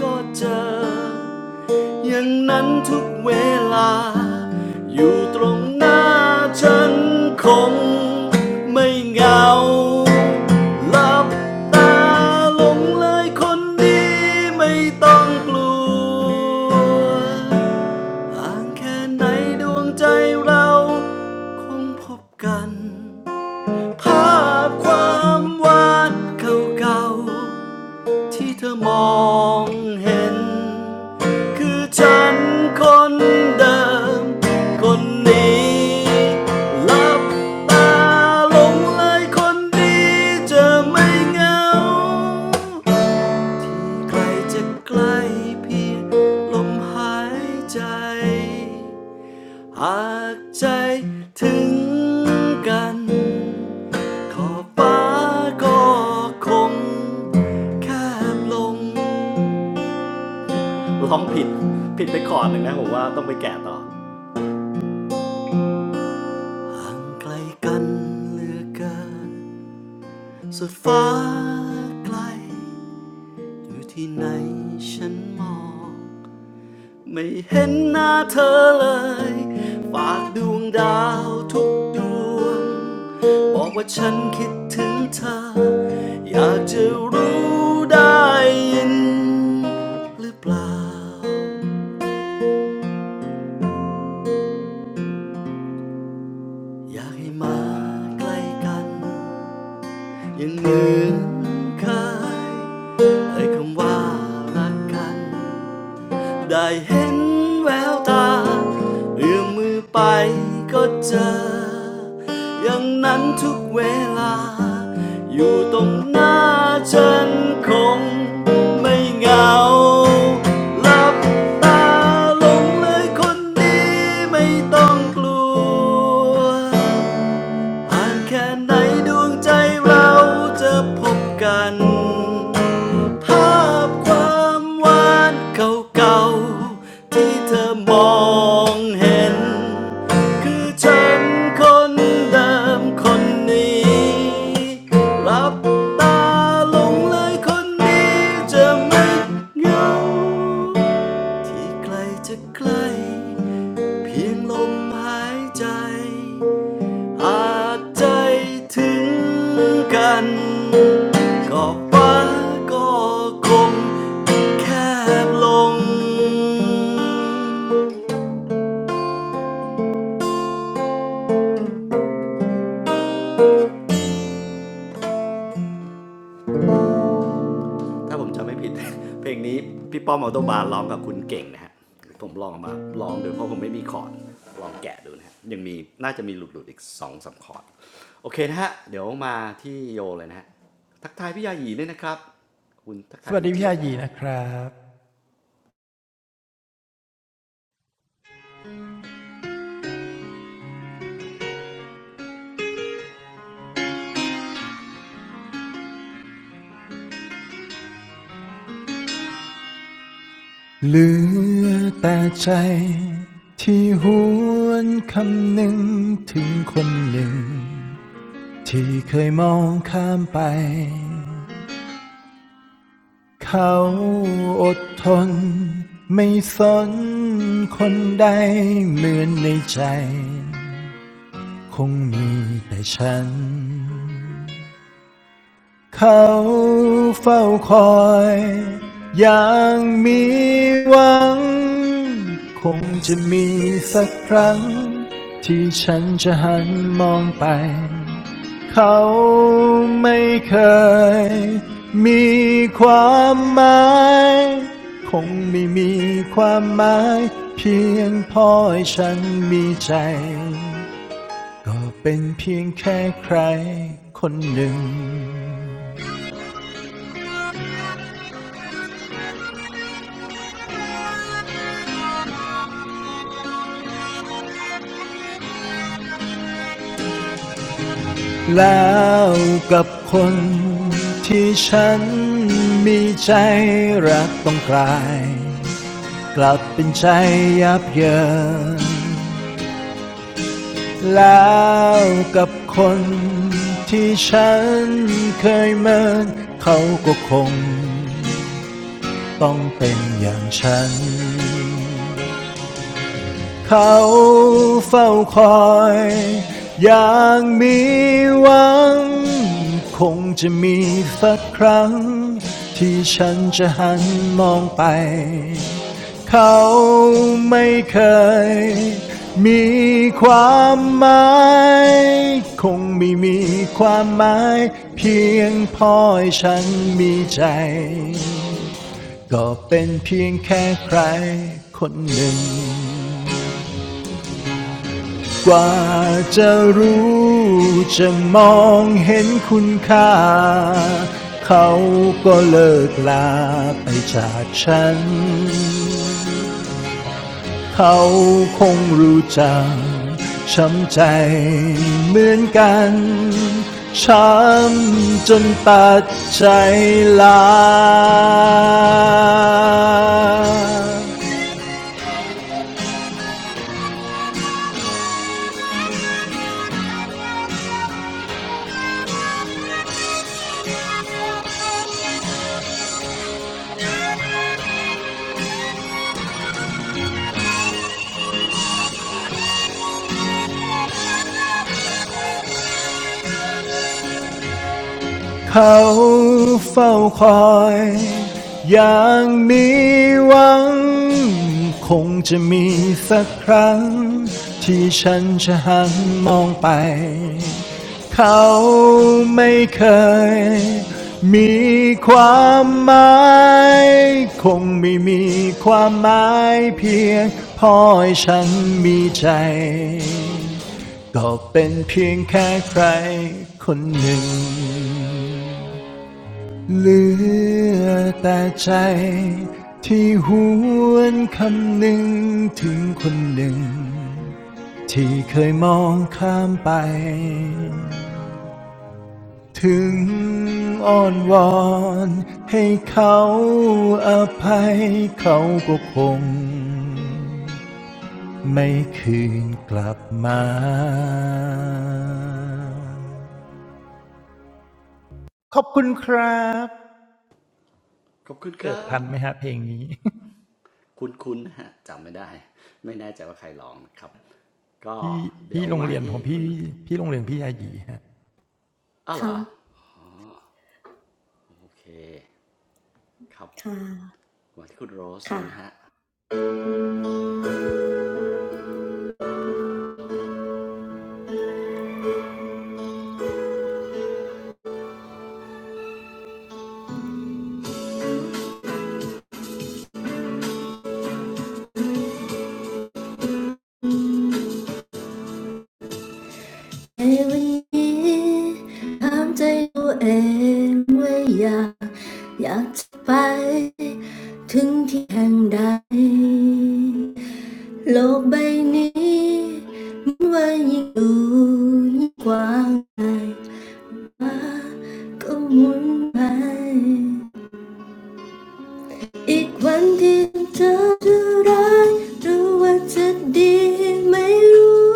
ก็เจออย่างนั้นทุกเวลาอยู่ตรงหน้าฉันคงไม่เหงาหลับตาหลงเลยคนดีไม่ต้องกลัวห่างแค่ไหนดวงใจเราคงพบกัน ภาพความหวานเก่าๆที่เธอมองเห็นคือฉันคนเดิมคนนี้หลับตาลงเลยคนดีจะไม่เหงาใครจะใกล้เพียงลมหายใจหากใจถึงกัน อฟ้าก็คงแคมลงร้องผิดผิดไปคอร์ดหนึ่งนะผมว่าต้องไปแกะต่อไกลกันเหลือเกินสุดฟ้าไกลอยู่ที่ไหนฉันมอง ไม่เห็นหน้าเธอเลยฝากดวงดาวทุกดวงบอกว่าฉันคิดถึงเธออยากจะรู้ได้ยินหรือเปล่าอยากให้มาใกล้กันอยังเหมือนเคยเอยคำว่ารักกัน ได้เห็นแววตาเอื้อมมือไปก็เจออย่างนั้นทุกเวลาอยู่ตรงหน้าฉันคงไม่เหงาหลับตาลงเลยคนดีไม่ต้องกลัวห่างแค่ไหนดวงใจเราจะพบกัน ภาพความหวานเก่าๆที่เธอมองเห็นคือฉันคนเดิมคนนี้รับตาลงเลยคนนี้จะไม่เหงาที่ใกล้จะใกล้เพียงลมหายใจ อาจใจถึงกันก็ฟ้าก็คงแคบลงถ้าผมจำไม่ผิด เพลงนี้พี่ป้อมเอาโตบาร์ร้องกับคุณเก่งนะฮะผมลองเอามาลองดูเพราะผมไม่มีคอร์ดลองแกะดูนะฮะยังมีน่าจะมีหลุดๆอีก2องสามคอร์ดโอเคนะฮะเดี๋ยวมาที่โยเลยนะฮะทักทายพี่ยาหยีด้วยนะครับคุณทักทายคุณเจี๊ยบด้วยนะฮะ
เหลือแต่ใจที่หวนคำหนึ่งถึงคนหนึ่ง ที่เคยมองข้ามไป เขาอดทนไม่สนคนใดเหมือนในใจคงมีแต่ฉัน เขาเฝ้าคอยอย่างมีหวังคงจะมีสักครั้งที่ฉันจะหันมองไปเขาไม่เคยมีความหมายคงไม่มีความหมายเพียงพอให้ฉันมีใจก็เป็นเพียงแค่ใครคนหนึ่ง แล้วกับคนที่ฉันมีใจรักต้องกลายกลับเป็นใจยับเยินแล้วกับคนที่ฉันเคยเมินเขาก็คงต้องเป็นอย่างฉัน เขาเฝ้าคอยอย่างมีหวังคงจะมีสักครั้งที่ฉันจะหันมองไปเขาไม่เคยมีความหมายคงไม่มีความหมายเพียงพอให้ฉันมีใจก็เป็นเพียงแค่ใครคนหนึ่ง กว่าจะรู้จะมองเห็นคุณค่าเขาก็เลิกลาไปจากฉันเขาคงรู้จักช้ำใจเหมือนกันช้ำจนตัดใจลา เขาเฝ้าคอยอย่างนี้หวังคงจะมีสักครั้งที่ฉันจะหันมองไปเขาไม่เคยมีความหมายคงไม่มีความหมายเพียงพอให้ฉันมีใจก็เป็นเพียงแค่ใครคนหนึ่ง เหลือแต่ใจที่หวนคำหนึ่งถึงคนหนึ่งที่เคยมองข้ามไปถึงอ้อนวอนให้เขาอภัยเขาก็คงไม่คืนกลับมาขอบคุณครับ
ขอบคุณค
เกิด
รั
ทันไห
บ
มฮะเพลงนี้
คุ้นๆนะฮะจำไม่ได้ไม่แน่ใจว่าใครร้องนะครับก็
พี่
เดี๋
พี่
ยว
โรง
มา
เรียนข
ที่
องพี่
คุณ
พี่โรงเรียนพี่อายีฮะ
อ้าวเหรอ
ค่ะ
โอเคครับ
ค่ะ
มาที่คุณโรส
ค่ะ
นะฮะ
really ทำใจตัวเองไว้อยากอยากจะไปถึงที่แห่งใดโลกใบนี้มันว่ายิ่งดูยิ่งกว้างไกลฟ้าก็หมุนไป อีกวันที่เธอจะรักหรือว่าจะดีไม่รู้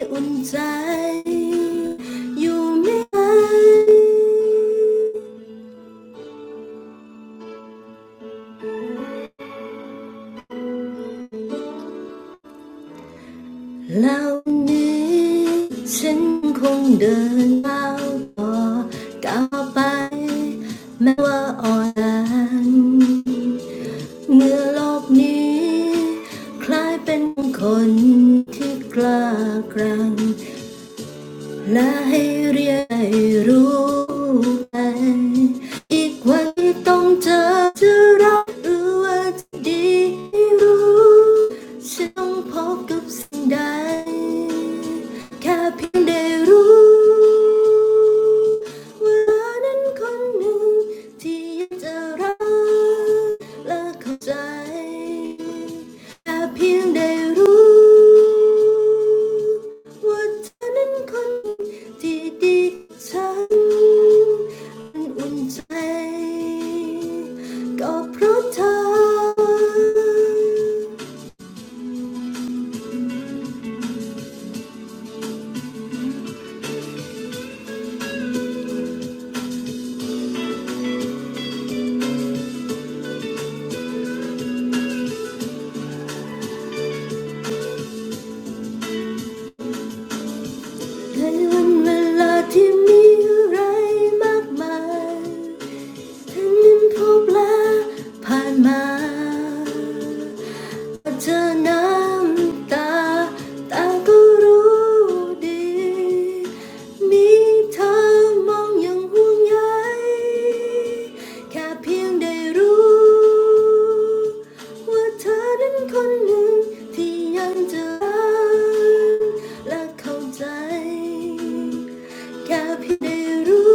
Unjoyed, you may. Now this, I will walk on by. Maybe allan, in this world, I am the one who dares. และให้เรียนให้รู้ไปอีกวันต้องเจอจะรักหรือว่าจะดีให้รู้ฉันต้องพบกับสิ่งใดแค่เพียงได้รู้เวลานั้นคนหนึ่งที่อยากจะรักและเข้าใจ เพียงได้รู้ว่าเธอนั้นคนที่ดีกับฉันมันอุ่นใจ เธอน้ำตาตาก็รู้ดี แค่เพียงได้รู้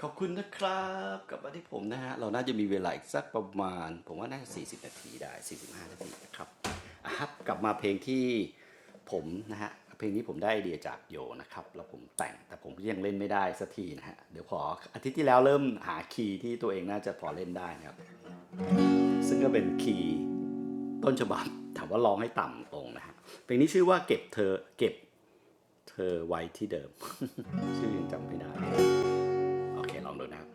ขอบคุณนะครับกลับมาที่ผมนะฮะเราน่าจะมีเวลาอีกสักประมาณผมว่าน่าจะสี่สิบนาทีได้สี่สิบห้านาทีนะครับครับกลับมาเพลงที่ผมนะฮะเพลงนี้ผมได้ไอเดียจากโยนะครับแล้วผมแต่งแต่ผมยังเล่นไม่ได้สักทีนะฮะเดี๋ยวขออาทิตย์ที่แล้วเริ่มหาคีย์ที่ตัวเองน่าจะพอเล่นได้นะครับซึ่งก็เป็นคีย์ ต้นฉบับ ถามว่าร้องให้ต่ำลงนะฮะเพลงนี้ชื่อว่าเก็บเธอเก็บเธอไว้ที่เดิม ชื่อยังจำไม่ได้โอเคลองดูนะครับ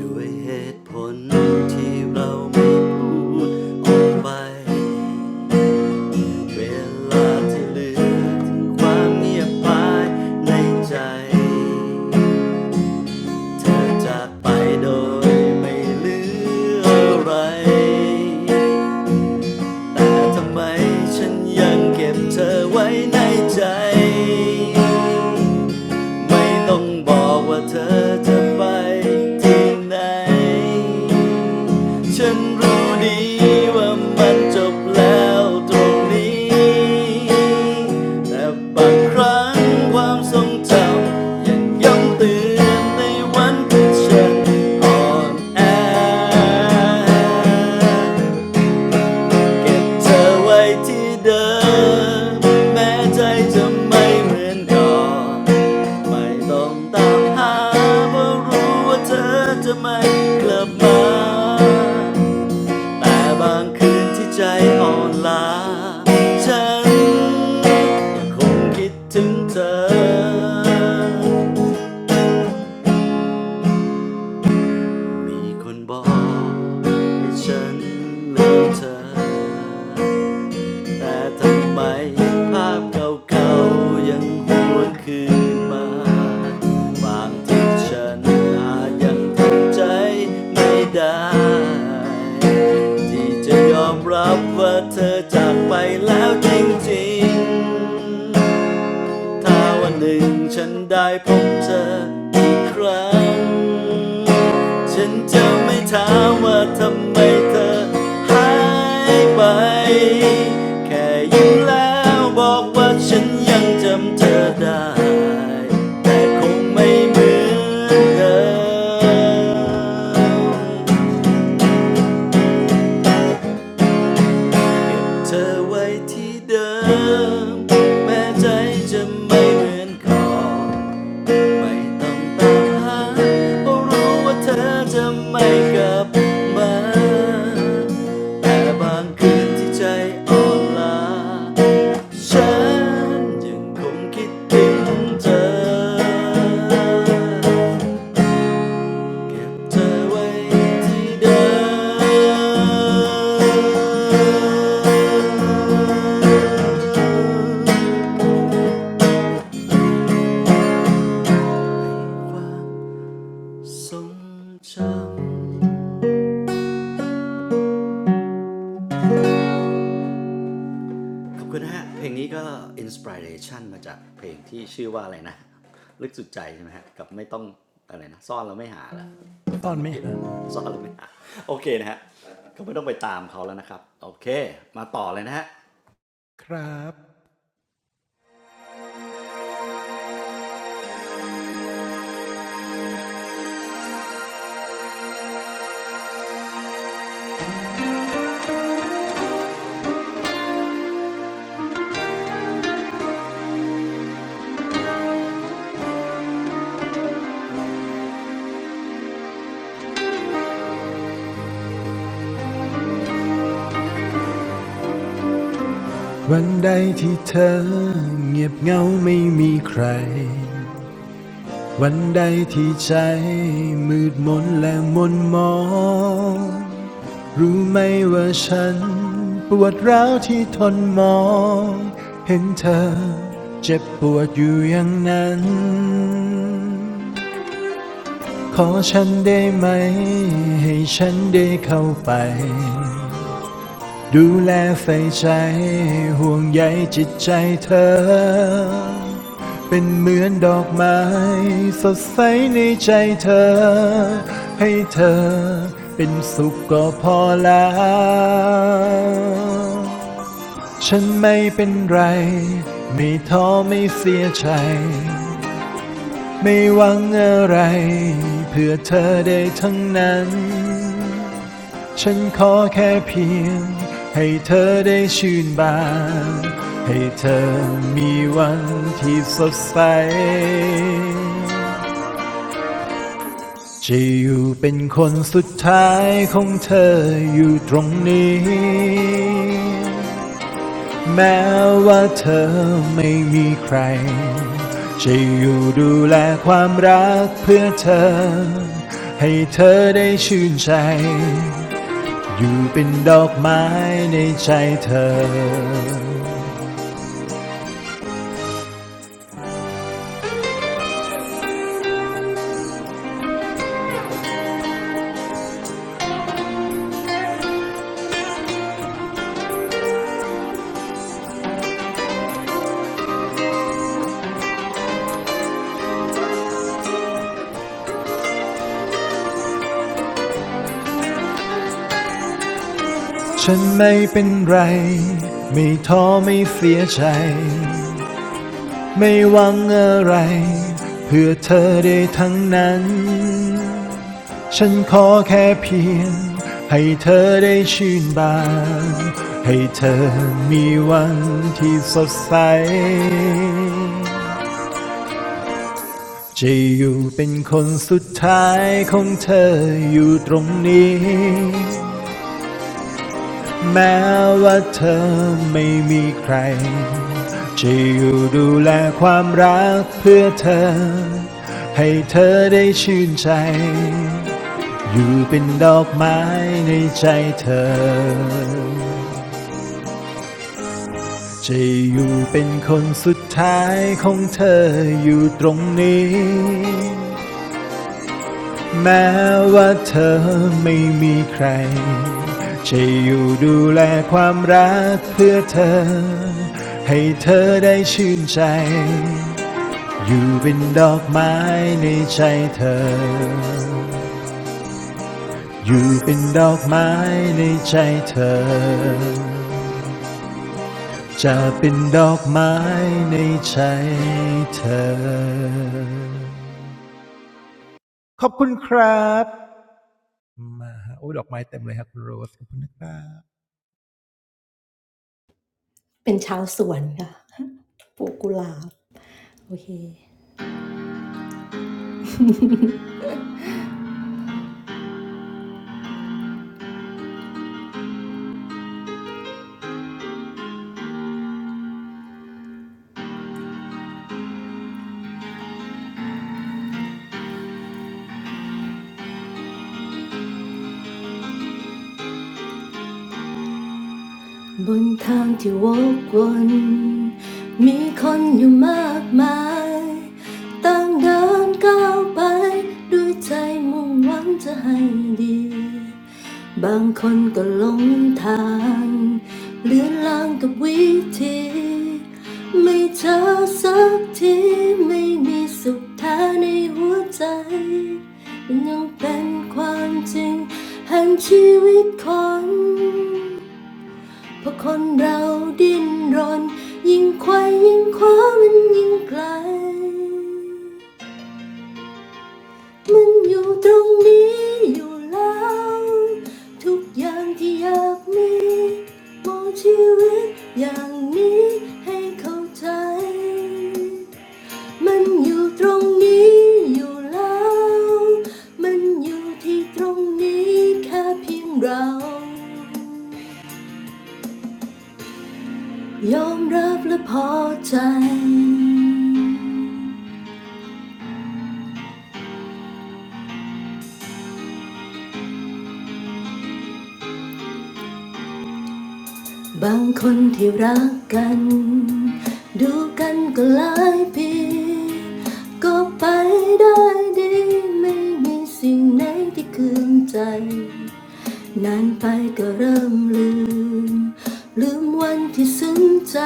ด้วยเหตุผลที่เราไม่ออกไปเวลาที่เหลือถึงความเงียบไปในใจเธอจากไปโดยไม่เหลืออะไร แต่ทำไมฉันยังเก็บเธอไว้ในใจไม่ต้องบอกว่าเธอจะไปที่ไหนฉันรู้ดีว่ามันจบแล้วตรงนี้แต่บางครั้งความทรงจำยังย้ำเตือนในวันที่ฉันอ่อนแอ เก็บเธอไว้ที่เดิมแม้ใจจะไม่เหมือนก่อนไม่ต้องตามหาเพราะรู้ว่าเธอจะไม่กลับมาแต่บางคืนที่ใจอ่อนล้าฉันยังคงคิดถึงเธอมีคนบอกให้ฉันลืมเธอ แต่ทำไมภาพเก่าๆยังหวนคืนมาบางทีฉันอาจยังทำใจไม่ได้ที่จะยอมรับว่าเธอจากไปแล้วจริงๆถ้าวันหนึ่งฉันได้พบเธออีกครั้ง ฉันจะไม่ถามว่าทำไมเธอหายไป แค่ยิ้มแล้วบอกว่าฉันยังจำเธอได้ แต่คงไม่เหมือนเดิมเธอไว้ที่เดิมแม้ใจจะไม่เหมือนก่อน ไม่ต้องไปหาเพราะรู้ว่าเธอจะไม่กลับมาแต่บางคืนที่ใจอ่อนล้าฉันยังคงคิดถึงเธอเก็บเธอไว้ที่เดิมให้ความทรงจำ ขอบคุณนะฮะ เพลงนี้ก็อินสปิเรชันมาจากเพลงที่ชื่อว่าอะไรนะลึกสุดใจใช่ไหมฮะกับไม่ต้องอะไรนะซ่อนแล้วไม่หาละ
ซ่อ
จำ
น
ไม่
ไม่
ผิด
หา
ซ่อนแล้วไม่หาโอเคนะฮะก็ไม่ต้องไปตามเขาแล้วนะครับโอเคมาต่อเลยนะฮะ
ครับวันใดที่เธอเงียบเงาไม่มีใครวันใดที่ใจมืดมนและมนมองรู้ไหมว่าฉันปวดร้าวที่ทนมองเห็นเธอเจ็บปวดอยู่อย่างนั้น ขอฉันได้ไหมให้ฉันได้เข้าไปดูแลใส่ใจห่วงใยจิตใจเธอเป็นเหมือนดอกไม้สดใสในใจเธอให้เธอเป็นสุขก็พอแล้วฉันไม่เป็นไรไม่ท้อไม่เสียใจ ไม่หวังอะไรเพื่อเธอได้ทั้งนั้นฉันขอแค่เพียงให้เธอได้ชื่นบานให้เธอมีวันที่สดใสจะอยู่เป็นคนสุดท้ายของเธออยู่ตรงนี้ แม้ว่าเธอไม่มีใคร จะอยู่ดูแลความรักเพื่อเธอ ให้เธอได้ชื่นใจ อยู่เป็นดอกไม้ในใจเธอ ฉันไม่เป็นไร ไม่ท้อไม่เสียใจ ไม่หวังอะไร เพื่อเธอได้ทั้งนั้น ฉันขอแค่เพียงให้เธอได้ชื่นบานให้เธอมีวันที่สดใสจะอยู่เป็นคนสุดท้ายของเธออยู่ตรงนี้แม้ว่าเธอไม่มีใครจะอยู่ดูแลความรักเพื่อเธอให้เธอได้ชื่นใจ อยู่เป็นดอกไม้ในใจเธอจะอยู่เป็นคนสุดท้ายของเธออยู่ตรงนี้แม้ว่าเธอไม่มีใครจะอยู่ดูแลความรักเพื่อเธอให้เธอได้ชื่นใจอยู่เป็นดอกไม้ในใจเธออยู่เป็นดอกไม้ในใจเธอ จะเป็นดอกไม้ในใจเธอขอบคุณครับโอ้ดอกไม้เต็มเลยครับคุณโรส
บนทางที่วกวน เพราะคนเราดิ้นรน ยอม ra và poi. Bang con theo rak gan du gan co lai pin co bay day de, mei minh si nay thi kien giai. นานไปก็เริ่มลืมลืมวันที่ซึ้งใจ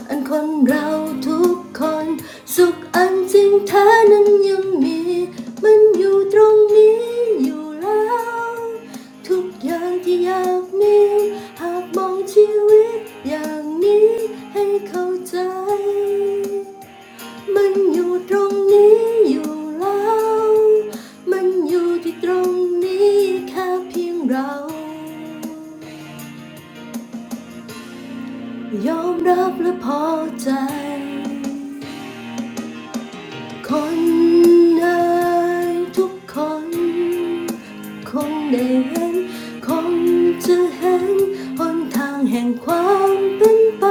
อันคนเราทุกคนสุขอันจริงแท้นั้นยังมีมันอยู่ตรงนี้อยู่แล้วทุกอย่างที่อยากมีหากมองชีวิตอย่างนี้ให้เข้าใจมันอยู่ตรงนี้อยู่แล้วมันอยู่ที่ตรงนี้แค่เพียงเรายอมรับและพอใจ คนเอ่ยทุกคนคงได้เห็นคงจะเห็นหนทางแห่งความเป็นไป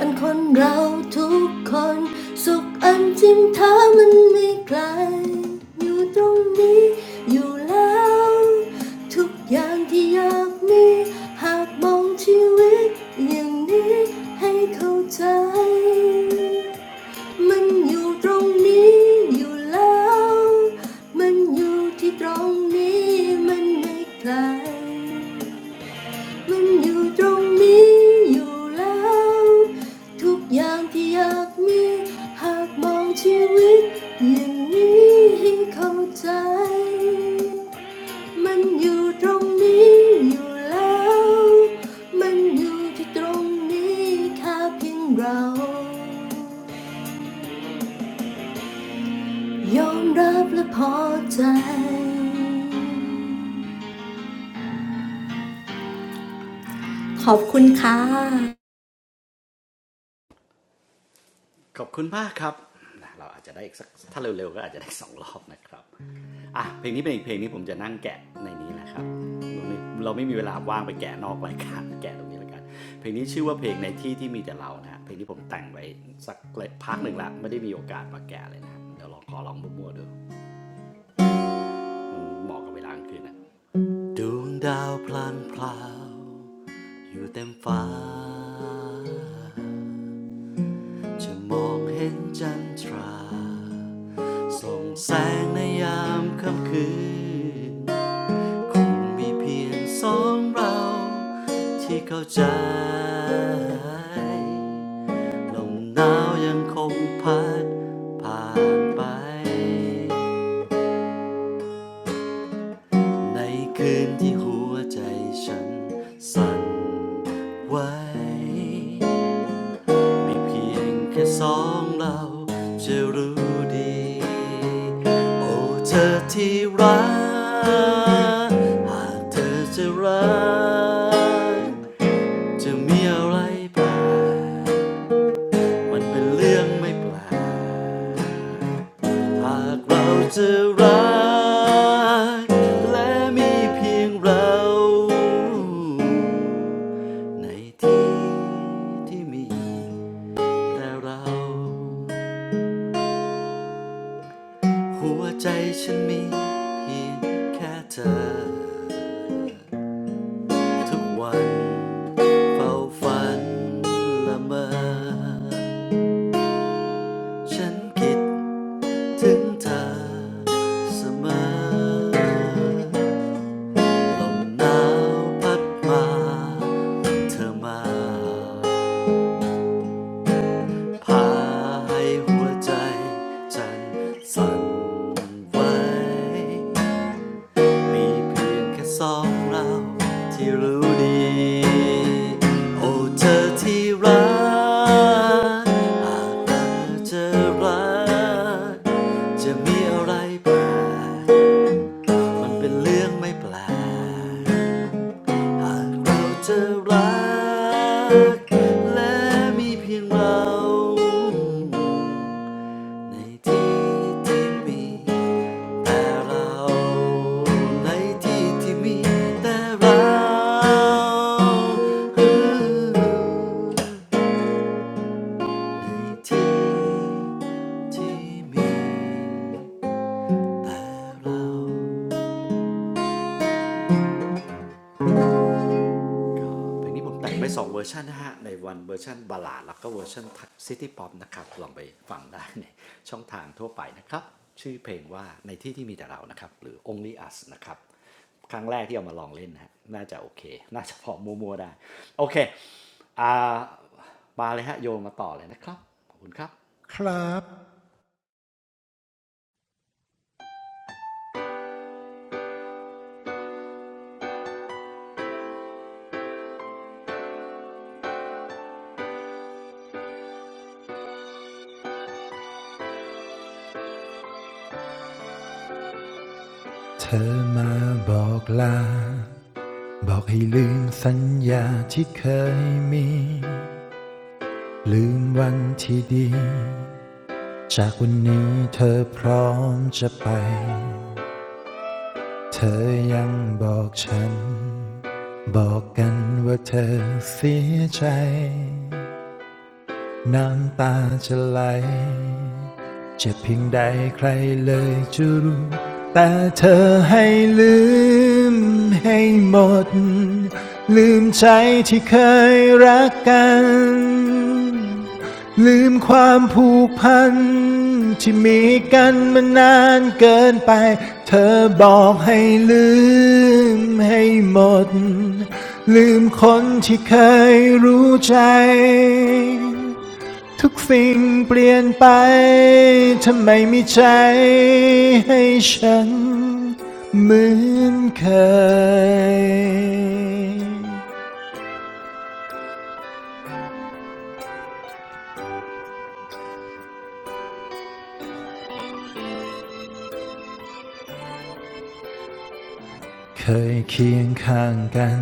อันคนเราทุกคน มันอยู่ตรงนี้อยู่แล้ว
ขอบคุณมากครับ เราอาจจะได้อีกสักถ้าเร็วๆก็อาจจะได้สองรอบนะครับอ่ะเพลงนี้เป็นอีกเพลงนี้ผมจะนั่งแกะในนี้นะครับเราไม่เราไม่มีเวลาว่างไปแกะนอกรายการ แกะตรงนี้แล้วกันเพลงนี้ชื่อว่าเพลงในที่ที่มีแต่เรานะฮะเพลงนี้ผมแต่งไว้สักพักหนึ่งละไม่ได้มีโอกาสมาแกะเลยนะเดี๋ยวลองขอลองมั่วๆดูมันเหมาะกับเวลากลางคืนนะดวงดาวพลางพลาวอยู่เต็มฟ้าจะมองเห็นจันทรา ส่องแสงในยามค่ำคืนคงมีเพียงสองเราที่เข้าใจลมหนาวยังคงพัดผ่านไปในคืนที่หัวใจฉันสั่นไหว มีเพียงแค่สองเราจะรู้ดี โอ้เธอที่รัก หากเธอจะรัก จะมีอะไรแปลกมันเป็นเรื่องไม่แปลกหากเราจะรัก และมีเพียงเราในที่ที่มีแต่เรา หัวใจฉันมีเพียงแค่เธอทุกวันเฝ้าฝันละเมอฉันคิดถึงเธอเสมอลมหนาวพัดมาเธอมาพาให้หัวใจฉันสั่นไหว มีเพียงแค่สองเราที่รู้ดี โอ้เธอที่รักอาจเราเจอรัก จะมีอะไรแปลกมันเป็นเรื่องไม่แปลกหากเราเจอรัก และมีเพียงเรา ในที่ที่มีแต่เราในที่ที่มีแต่เราในที่ที่มีแต่เรา ก็เพลงนี้ผมแต่งไปสองเวอร์ชันนะฮะในวันเวอร์ชันบาลลาดแล้วก็เวอร์ชันซิตี้ป๊อปนะครับลองไปฟังได้ในช่องทางทั่วไปนะครับชื่อเพลงว่าในที่ที่มีแต่เรานะครับหรือ Only Us นะครับครั้งแรกที่เอามาลองเล่นนะฮะน่าจะโอเคน่าจะพอมัวๆได้โอเคอ่ามาเลยฮะโยนมาต่อเลยนะครับขอบคุณครับ
เธอมาบอกลาบอกให้ลืมสัญญาที่เคยมีลืมวันที่ดีจากวันนี้เธอพร้อมจะไปเธอยังบอกฉันบอกกันว่าเธอเสียใจน้ำตาจะไหล จะเพียงใดใครเลยจะรู้แต่เธอให้ลืมให้หมดลืมใจที่เคยรักกันลืมความผูกพันที่มีกันมานานเกินไปเธอบอกให้ลืมให้หมดลืมคนที่เคยรู้ใจ ทุกสิ่งเปลี่ยนไปทำไมมีใจให้ฉันเหมือนเคย เคยเคียงข้างกัน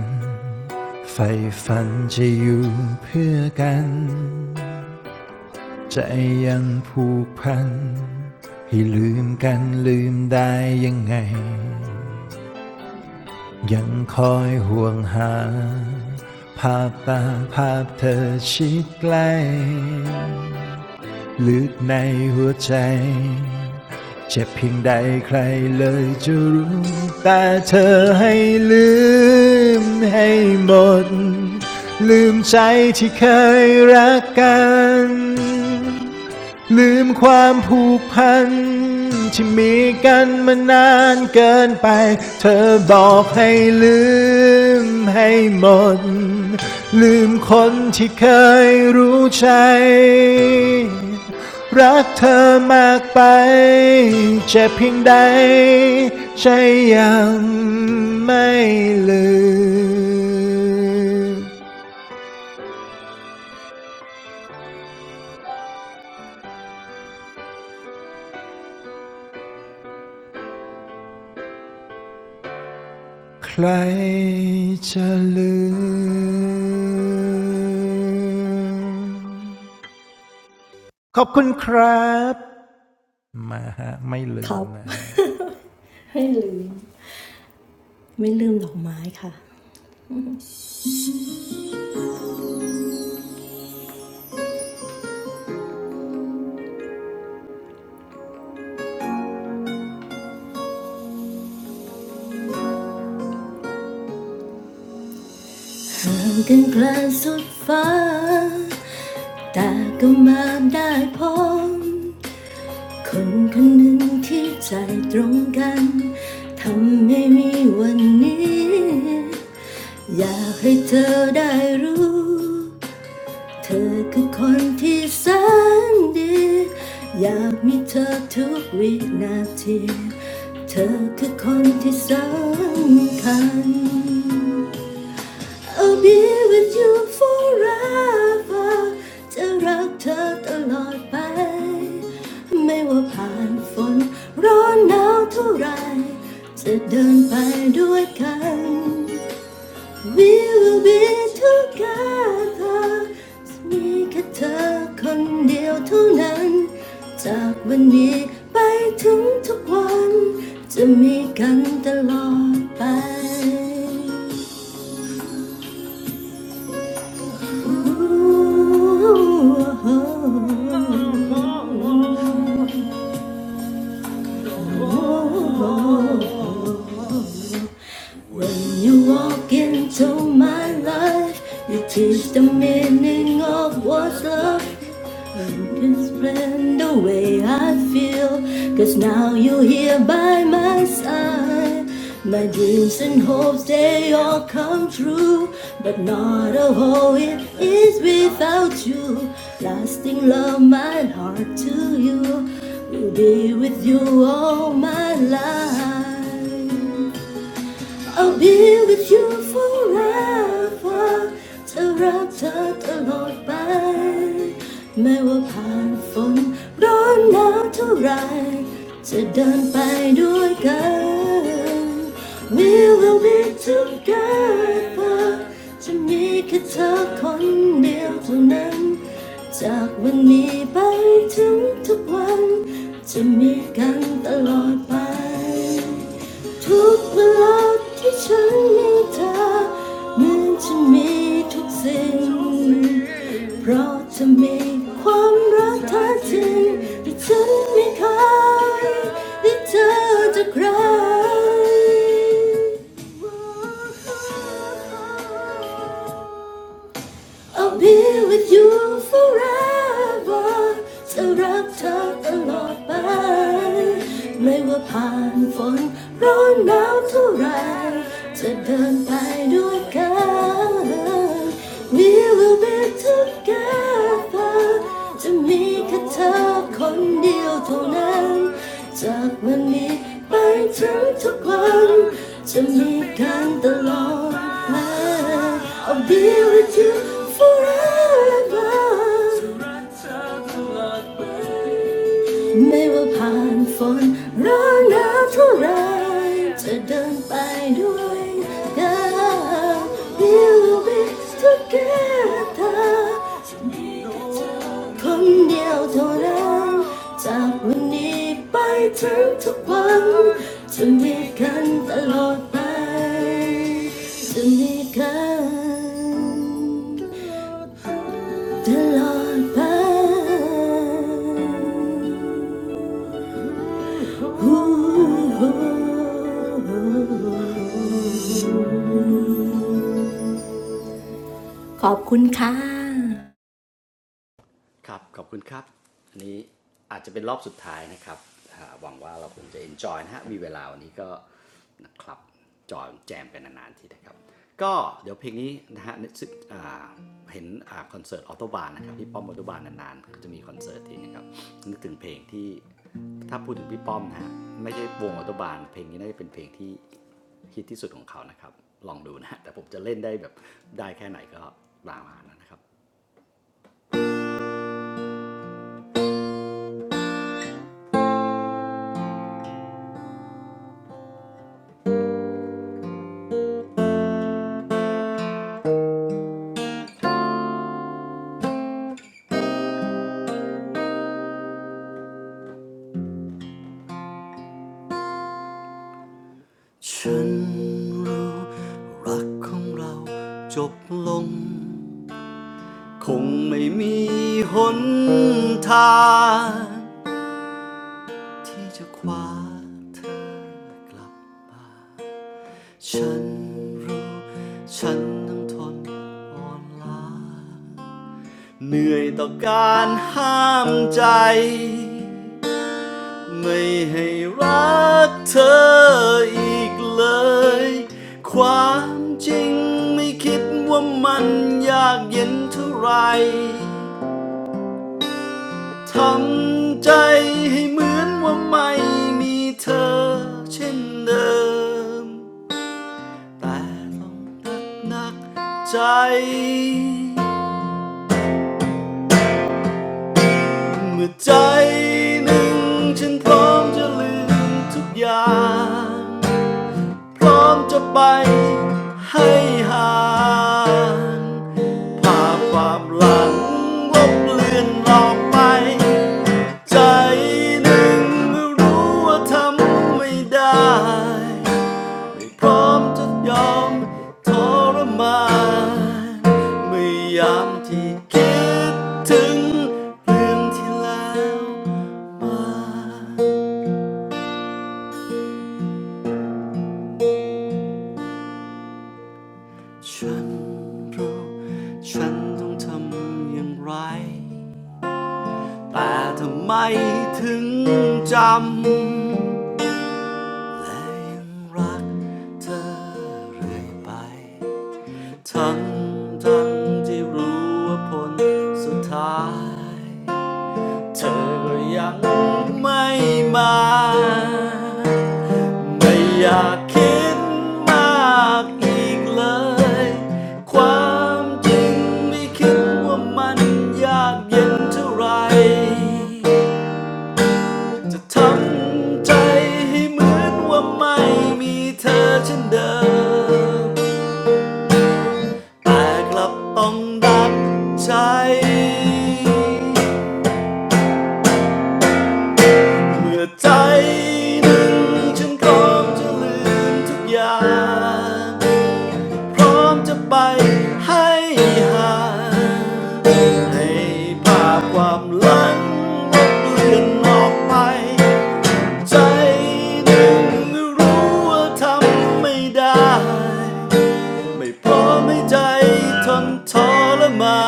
ไฟฝันจะอยู่เพื่อกัน ใจยังผูกพัน ให้ลืมกันลืมได้ยังไง ยังคอยห่วงหาภาพตาภาพเธอชิดใกล้ลึกในหัวใจเจ็บเพียงใดใครเลยจะรู้แต่เธอให้ลืมให้หมดลืมใจที่เคยรักกัน ลืมความผูกพันที่มีกันมานานเกินไปเธอบอกให้ลืมให้หมดลืมคนที่เคยรู้ใจรักเธอมากไปเจ็บเพียงใดใจยังไม่ลืม ใครจะลืมขอบคุณครับมาฮะไม่ลืมนะฮะ
เธอกันกลางสุดฟ้าแต่ก็มาได้พบคนคนหนึ่งที่ใจตรงกันทำให้มีวันนี้อยากให้เธอได้รู้เธอคือคนที่แสนดีอยากมีเธอทุกวินาทีเธอคือคนที่สำคัญ I'll be with you forever จะรักเธอตลอดไปไม่ว่าผ่านฝนร้อนหนาวเท่าไหรจะเดินไปด้วยกัน We will be together มีแค่เธอคนเดียวเท่านั้นจากวันนี้ไปถึงทุกวันจะมีกันตลอดไป When you walk into my life, you teach the meaning of what's love. You can spread the way I feel, 'cause now you're here by my side. My dreams and hopes, they all come true. But not a whole it is without you. Lasting love, my heart to you. Will be with you all my life. I'll be with you forever เธอรักเธอตลอดไปแม้ว่าผ่านฝนร้อนหนาวเท่าไหรจะเดินไปด้วยกัน We will be together จะมีแค่เธอคนเดียวเท่านั้น จากวันนี้ไปถึงทุกวัน จะมีกันตลอดไป ทุกเวลาที่ฉันมีเธอนั้นฉันมีทุกสิ่งเพราะจะมีความรักแท้จริงที่ฉันไม่เคยได้เจอจากใคร I'll be with you forever จะรักเธอตลอดไปไม่ว่าผ่านฝนร้อนหนาวเท่าไรจะเดินไปด้วยกัน We will be together จะมีแค่เธอคนเดียวเท่านั้นจากวันนี้ไปถึงทุกวันจะมีกันตลอดไป I'll be with you forever. No matter how hard it gets, we'll be together. คนเดียวเท่านั้นจากวันนี้ไปถึงทุกวันจะมีกันตลอดไปจะมีกันตลอดไปขอบคุณค่ะค่ะ
ครับขอบคุณครับอันนี้อาจจะเป็นรอบสุดท้ายนะครับอหวังว่าเราคงจะ enjoy นะฮะมีเวลาวันนี้ก็นะครับจอยแจมกันนานๆทีนะครับก็เดี๋ยวเพลงนี้นะฮะซึอ่าเห็นอ่าคอนเสิร์ตออโตบานนะครับพี่ป้อมออโตบานนานๆก็จะมีคอนเสิร์ตทีนะครับนึกถึงเพลงที่ถ้าพูดถึงพี่ป้อมนะฮะไม่ใช่วงออโตบานเพลงนี้น่าจะเป็นเพลงที่ฮิตที่สุดของเขานะครับลองดูนะฮะแต่ผมจะเล่นได้แบบได้แค่ไหนก็ตามมานะครับ ฉันรู้รักของเราจบลงคงไม่มีหนทางที่จะคว้าเธอกลับฉันรู้ฉันต้องทนอ่อนล้าเหนื่อยต่อการห้ามใจ ไม่ให้รักเธออีกเลย ความจริงไม่คิดว่ามันยากเย็นเท่าไร ทำใจให้เหมือนว่าไม่มีเธอเช่นเดิม แต่ต้องนักหนักใจ เมื่อใจหนึ่งฉันพร้อมจะลืมทุกอย่าง พร้อมจะไปให้ห่างภาพความหลังลบเลือนออกไป ใจหนึ่งเมื่อรู้ว่าทำไม่ได้ ไม่พร้อมจะยอมทรมานเมื่อยามที่คิดถึงเรื่องที่แล้วมาฉันรู้ ฉันต้องทำอย่างไร แต่ทำไมถึงจำและยังรักเธอเรื่อยไปทั้งทั้งที่รู้ว่าผลสุดท้ายเธอก็ยังไม่มาไม่อยากคิดมากอีกเลยความจริงไม่คิดว่ามันยากเย็นเท่าไหร จะทำใจให้เหมือนว่าไม่มีเธอเช่นเดิมแต่กลับต้องดักใจเมื่อใจหนึ่งฉันพร้อมจะลืมทุกอย่างพร้อมจะไปให้ห่างให้ภาพความหลังลบเลือนออกไป ใจหนึ่งรู้ว่าทำไม่ได้ไม่พร้อมให้ใจทนทรมา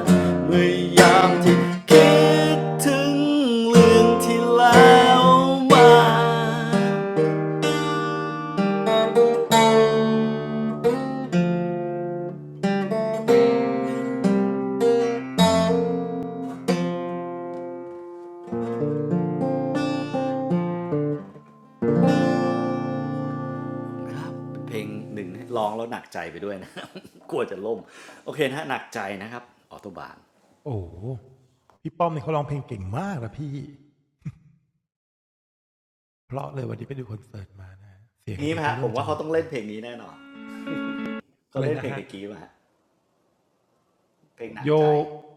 นเมื่อยามที่คิดถึงเรื่องที่แล้วมาเพลงหนึ่งร้องแล้วหนักใจไปด้วยนะ กลัวจะล่มโอเคนะหนักใจนะครับออโตบาน
โอ้พี่ป้อมนี่เขาร้องเพลงเก่งมากนะพี่เพราะเลยวันนี้ไปดูคอนเสิร์ตมานะเสีย
เพ
ง
ลง
โย
นี้ไหม
ก็
ฮะผ
เริ่ม
ม
จะ
ว่า
ห
เขา
มด
ต้องเล่
แล้
น
ว
เพลงนี้แน่นอน
อะ
เขา
ไร
เล่น
นะ
เพลง
ฮะ
ตะกี้มาฮะเพลงหนั
โย
กใจ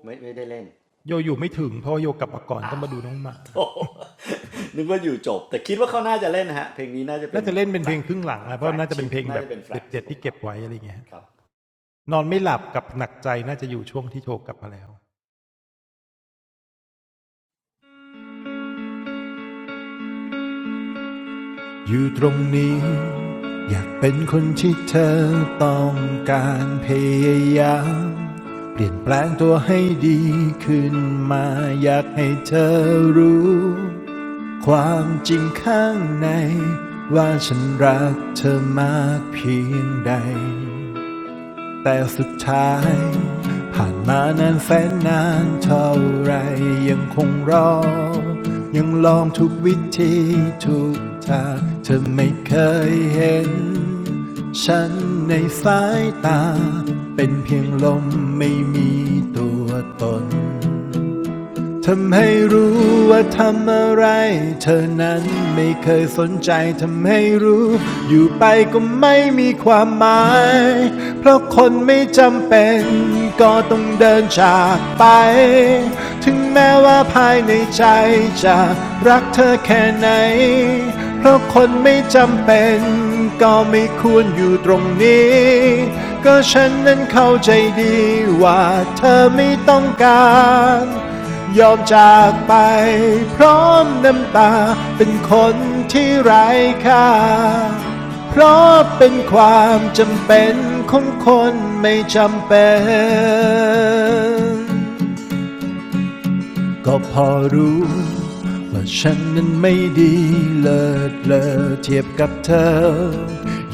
ไม่ไม่ได้เล่น
โยอยู่ไม่ถึงเพราะโยกลับมาก่อนต้
อ้า
อง
ว
มาดูน้องหมา
นึกว่าอยู่จบแต่คิดว่าเขาน่าจะเล่นนะฮะเพลงนี้น่าจะเป็
น่า
น
จะเล่นเป็น
แฟล
เพล
ก
งครึ่งหลังนะเพ
แฟล
ราะ
ก
น่าจะ
ชิ
เป็น
ป
เพลง
น่า
แบ
จะ
บ
เป็นแฟ
เ
ลกชิปของเขาครับ
อยู่ตรงนี้อยากเป็นคนที่เธอต้องการพยายามเปลี่ยนแปลงตัวให้ดีขึ้นมาอยากให้เธอรู้ความจริงข้างในว่าฉันรักเธอมากเพียงใด แต่สุดท้ายผ่านมานานแสนนานเท่าไรยังคงรอยังลองทุกวิธีทุกทางเธอไม่เคยเห็นฉันในสายตาเป็นเพียงลมไม่มีตัวตน ทำให้รู้ว่าทำอะไรเธอนั้นไม่เคยสนใจทำให้รู้อยู่ไปก็ไม่มีความหมายเพราะคนไม่จำเป็นก็ต้องเดินจากไปถึงแม้ว่าภายในใจจะรักเธอแค่ไหนเพราะคนไม่จำเป็นก็ไม่ควรอยู่ตรงนี้ก็ฉันนั้นเข้าใจดีว่าเธอไม่ต้องการ ยอมจากไปพร้อมน้ำตาเป็นคนที่ไร้ค่า เพราะเป็นความจำเป็นของคนไม่จำเป็น ก็พอรู้ว่าฉันนั้นไม่ดีเลิศเลอเทียบกับเธอ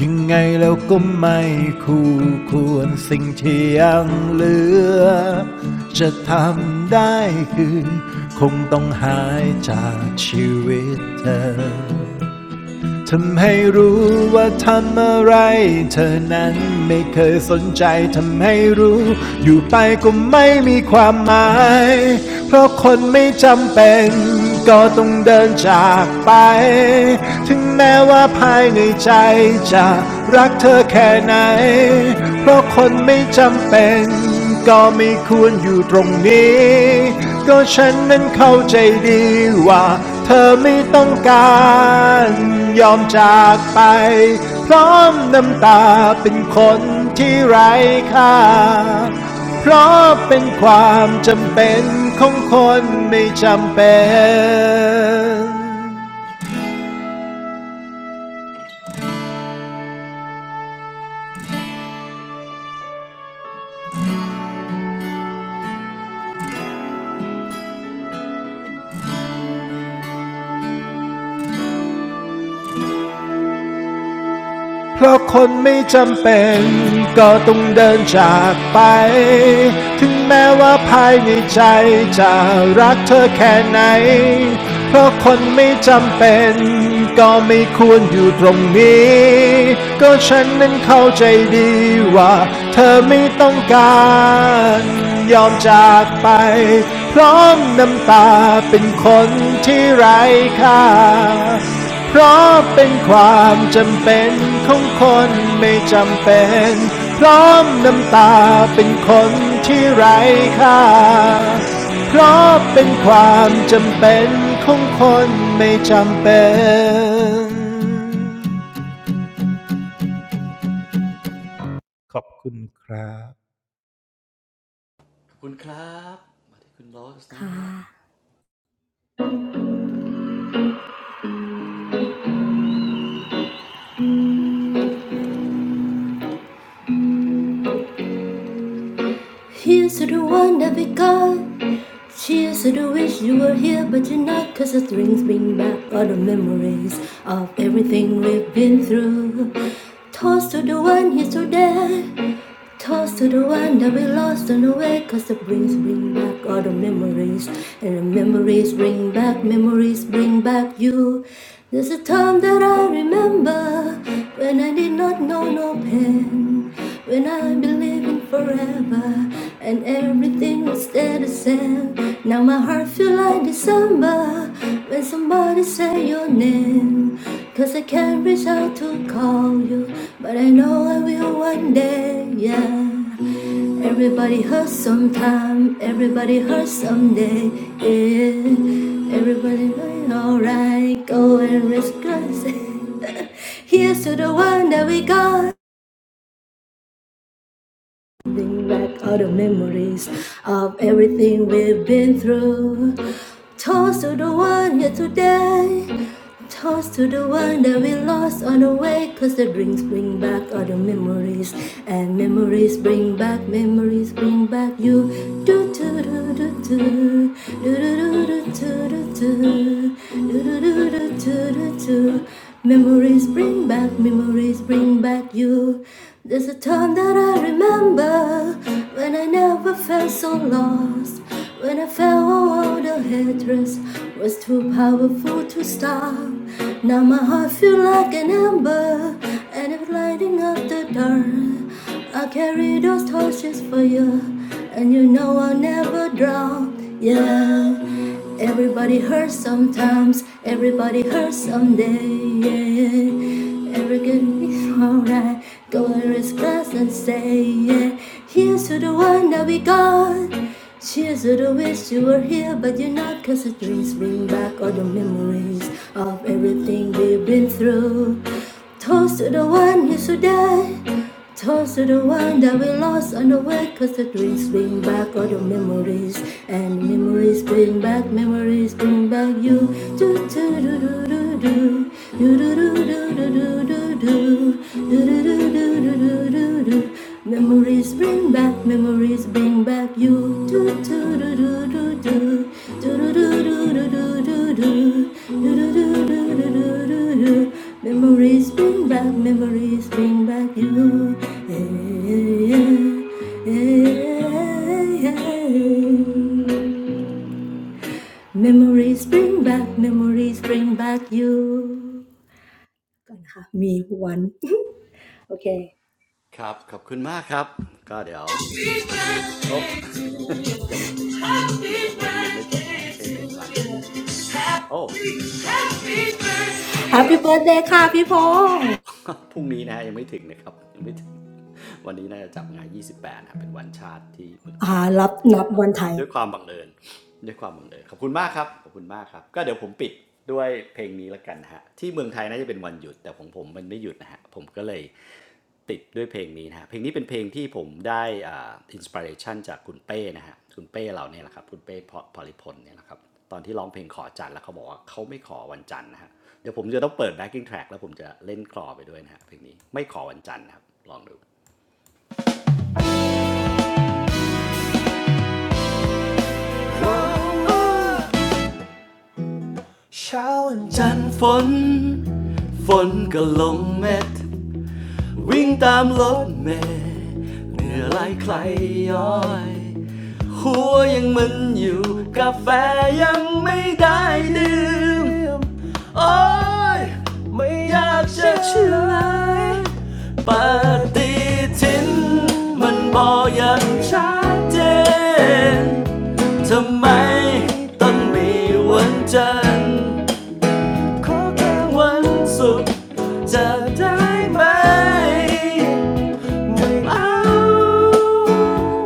ยังไงแล้วก็ไม่คู่ควรสิ่งที่ยังเหลือ จะทำได้คือคงต้องหายจากชีวิตเธอ ทำให้รู้ว่าทำอะไรเธอนั้นไม่เคยสนใจทำให้รู้อยู่ไปก็ไม่มีความหมายเพราะคนไม่จำเป็นก็ต้องเดินจากไปถึงแม้ว่าภายในใจจะรักเธอแค่ไหนเพราะคนไม่จำเป็น ก็ไม่ควรอยู่ตรงนี้ก็ฉันนั้นเข้าใจดีว่าเธอไม่ต้องการยอมจากไปพร้อมน้ำตาเป็นคนที่ไร้ค่าเพราะเป็นความจำเป็นของคนไม่จำเป็น เพราะคนไม่จำเป็นก็ต้องเดินจากไป ถึงแม้ว่าภายในใจจะรักเธอแค่ไหน เพราะคนไม่จำเป็นก็ไม่ควรอยู่ตรงนี้ ก็ฉันนั้นเข้าใจดีว่าเธอไม่ต้องการยอมจากไปพร้อมน้ำตาเป็นคนที่ไร้ค่า เพราะเป็นความจำเป็นของคนไม่จำเป็นพร้อมน้ำตาเป็นคนที่ไร้ค่าเพราะเป็นความจำเป็นของคนไม่จำเป็น
ขอบคุณครับมาที่คุณโรสนะฮะ
Here's to the one that we got. Cheers to the wish you were here, but you're not. Cause the strings bring back all the memories of everything we've been through. Toast to the one here today. Toast to the one that we lost on the way. Cause the brings bring back all the memories. And the memories bring back, memories bring back you. There's a time that I remember when I did not know no pain. When I believed in forever, and everything was still the same. Now my heart feel like December when somebody say your name. Cause I can't reach out to call you, but I know I will one day, yeah. Everybody hurts sometime, everybody hurts someday. Yeah. Everybody going alright, go and risk us. Here's to the one that we got. Bring back all the memories of everything we've been through. Toast to the one here today. Toast to the one that we lost on the way. Cause the drinks bring back all the memories. And memories bring back memories, bring back you. Do to Memories bring back, memories bring back you. There's a time that I remember when I never felt so lost. When I felt all the hatred was too powerful to stop. Now my heart feels like an ember and it's lighting up the dark. I'll carry those torches for you, and you know I'll never drown. Yeah, everybody hurts sometimes, everybody hurts someday. Yeah, every good is alright. Go and raise glass and say, yeah. Here's to the one that we got. Cheers to the wish you were here, but you're not. Cause the dreams bring back all the memories of everything we've been through. Toast to the one who's so dead. Toast to the one that we lost on the way, cause the drinks bring back all the memories. And memories bring back, memories bring back you. Do do do do do do. You do do do do do do do. Do do do do do do do do. Memories bring back, memories bring back you. Do do do do do do do do do do do do do do do do do do do do do. Memories bring back, memories bring back you. Yeah, yeah, yeah, yeah. Memories bring back, memories bring back you. Gonna have me one. Okay.
ครับขอบคุณมากครับก็เดี๋ยวปิดโอ้ ยังไม่บิงแบ็คโบว์เลยยังไม่จบนะฮะเพลงยังมันอยู่โอ้เดี๋ยวนะถึงแล้วเหร
Happy
อ
birthday
พรุ่งนี้นะฮะยังไม่ถึงนะครับยังไม่ถึงวันนี้น่าจะจับงาน28นะครับเป็นวันชาติที่เมืองไทยนะครับก็
ค่ะพี่พงษ์อ่ารับนับวันไทย
ด้วยความบังเอิญด้วยความบังเอิญขอบคุณมากครับขอบคุณมากครับก็เดี๋ยวผมปิดด้วยเพลงนี้ละกันนะฮะที่เมืองไทยน่าจะเป็นวันหยุดแต่ของผมมันไม่หยุดนะฮะผมก็เลย ติดด้วยเพลงนี้นะฮะเพลงนี้เป็นเพลงที่ผมได้อ่าอินสปิเรชันจากคุณเป้นะฮะคุณเป้เราเนี่ยแหละครับคุณเป้พลิพลเนี่ยแหละครับตอนที่ร้องเพลงขอจันทร์แล้วเขาบอกว่าเขาไม่ขอวันจันทร์นะฮะเดี๋ยวผมจะต้องเปิด backing track แล้วผมจะเล่นคลอไปด้วยนะฮะเพลงนี้ไม่ขอวันจันทร์นะครับลองดูเช้าวันจันทร์ฝนฝนก็ลงเม็ด วิ่งตามรถเมล์เหนื่อยไหลใครย้อย หัวยังมึนอยู่ กาแฟยังไม่ได้ดื่ม โอ๊ย ไม่อยากจะเชื่อเลยปฏิทินมันบอกอย่างชัดเจนทำไมต้องมีวันจันทร์ขอแค่วันศุกร์จะได้ไหม ไม่เอา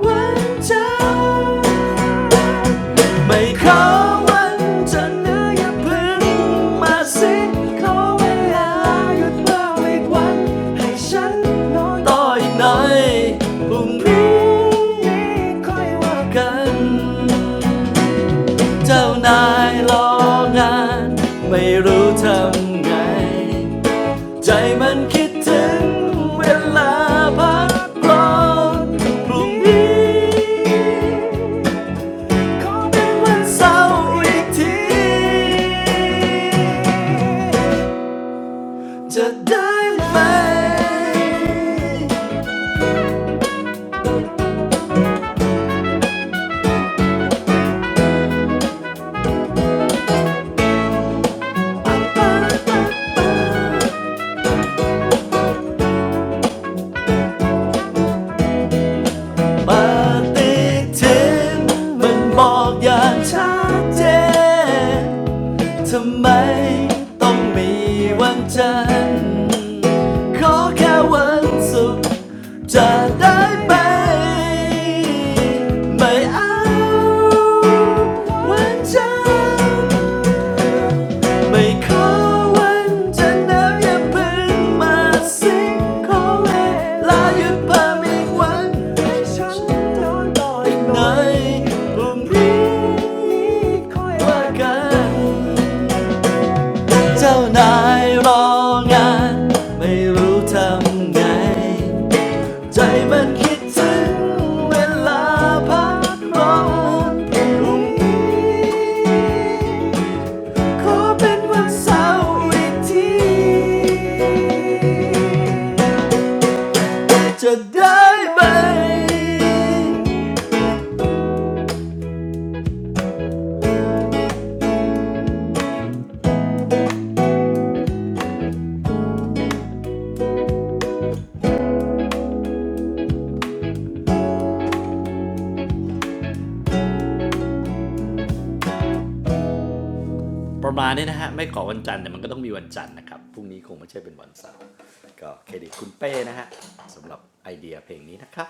วันจ้า ไม่ขาวันจเนื้อย่าพึ่งมาสิขอเวาหยุดบ้าอีกวันให้ฉันนอยต่ออีกหน่อย พรุ่งนี้ค่อยว่ากัน เจ้านายรองานไม่รู้ทำไง ใจมันคิดถึงเวลาพักร้อนพรุ่งนี้ ขอเป็นวันเสาร์อีกที จะได้ไหมปาาปาปาฏิทินมันบอกอย่างชัดเจน ทำไมต้องมีวันจันทร์ขอแค่วันศุกร์จะได้ไหมไม่เอาวันจันทร์ไม่ขอวันจันทร์แล้วอย่าเพิ่งมาสิงขอเวลาหยุดเพิ่มอีกวันให้ฉันโดนต่อยหน่อยพรุ่งนี้ค่อยว่ากัน เจ้านายรองานไม่รู้ทำไงใจมันคิดถึงเวลาพักร้อนพรุ่งนี้ขอเป็นวันเสาร์อีกทีจะได้ไหม ประมาณนี้นะฮะไม่ขอวันจันทร์แต่มันก็ต้องมีวันจันทร์นะครับพรุ่งนี้คงไม่ใช่เป็นวันเสาร์ก็เครดิตคุณเป้นะฮะสำหรับไอเดียเพลงนี้นะครับ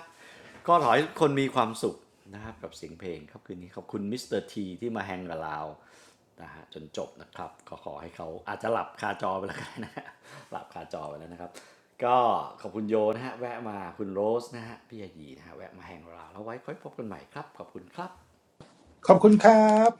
ก็ขอให้คนมีความสุขนะครับกับเสียงเพลงครับคืนนี้ขอบคุณมิสเตอร์ทีที่มาแฮงกับเรานะฮะจนจบนะครับก็ขอให้เขาอาจจะหลับคาจอไปแล้วกันนะหลับคาจอไปแล้วนะครับก็ขอบคุณโยนะฮะแวะมาคุณโรสนะฮะพี่ยายีนะฮะแวะมาแฮงกับเราแล้วไว้ค่อยพบกันใหม่ครับขอบคุณครับ
ขอบคุณครับ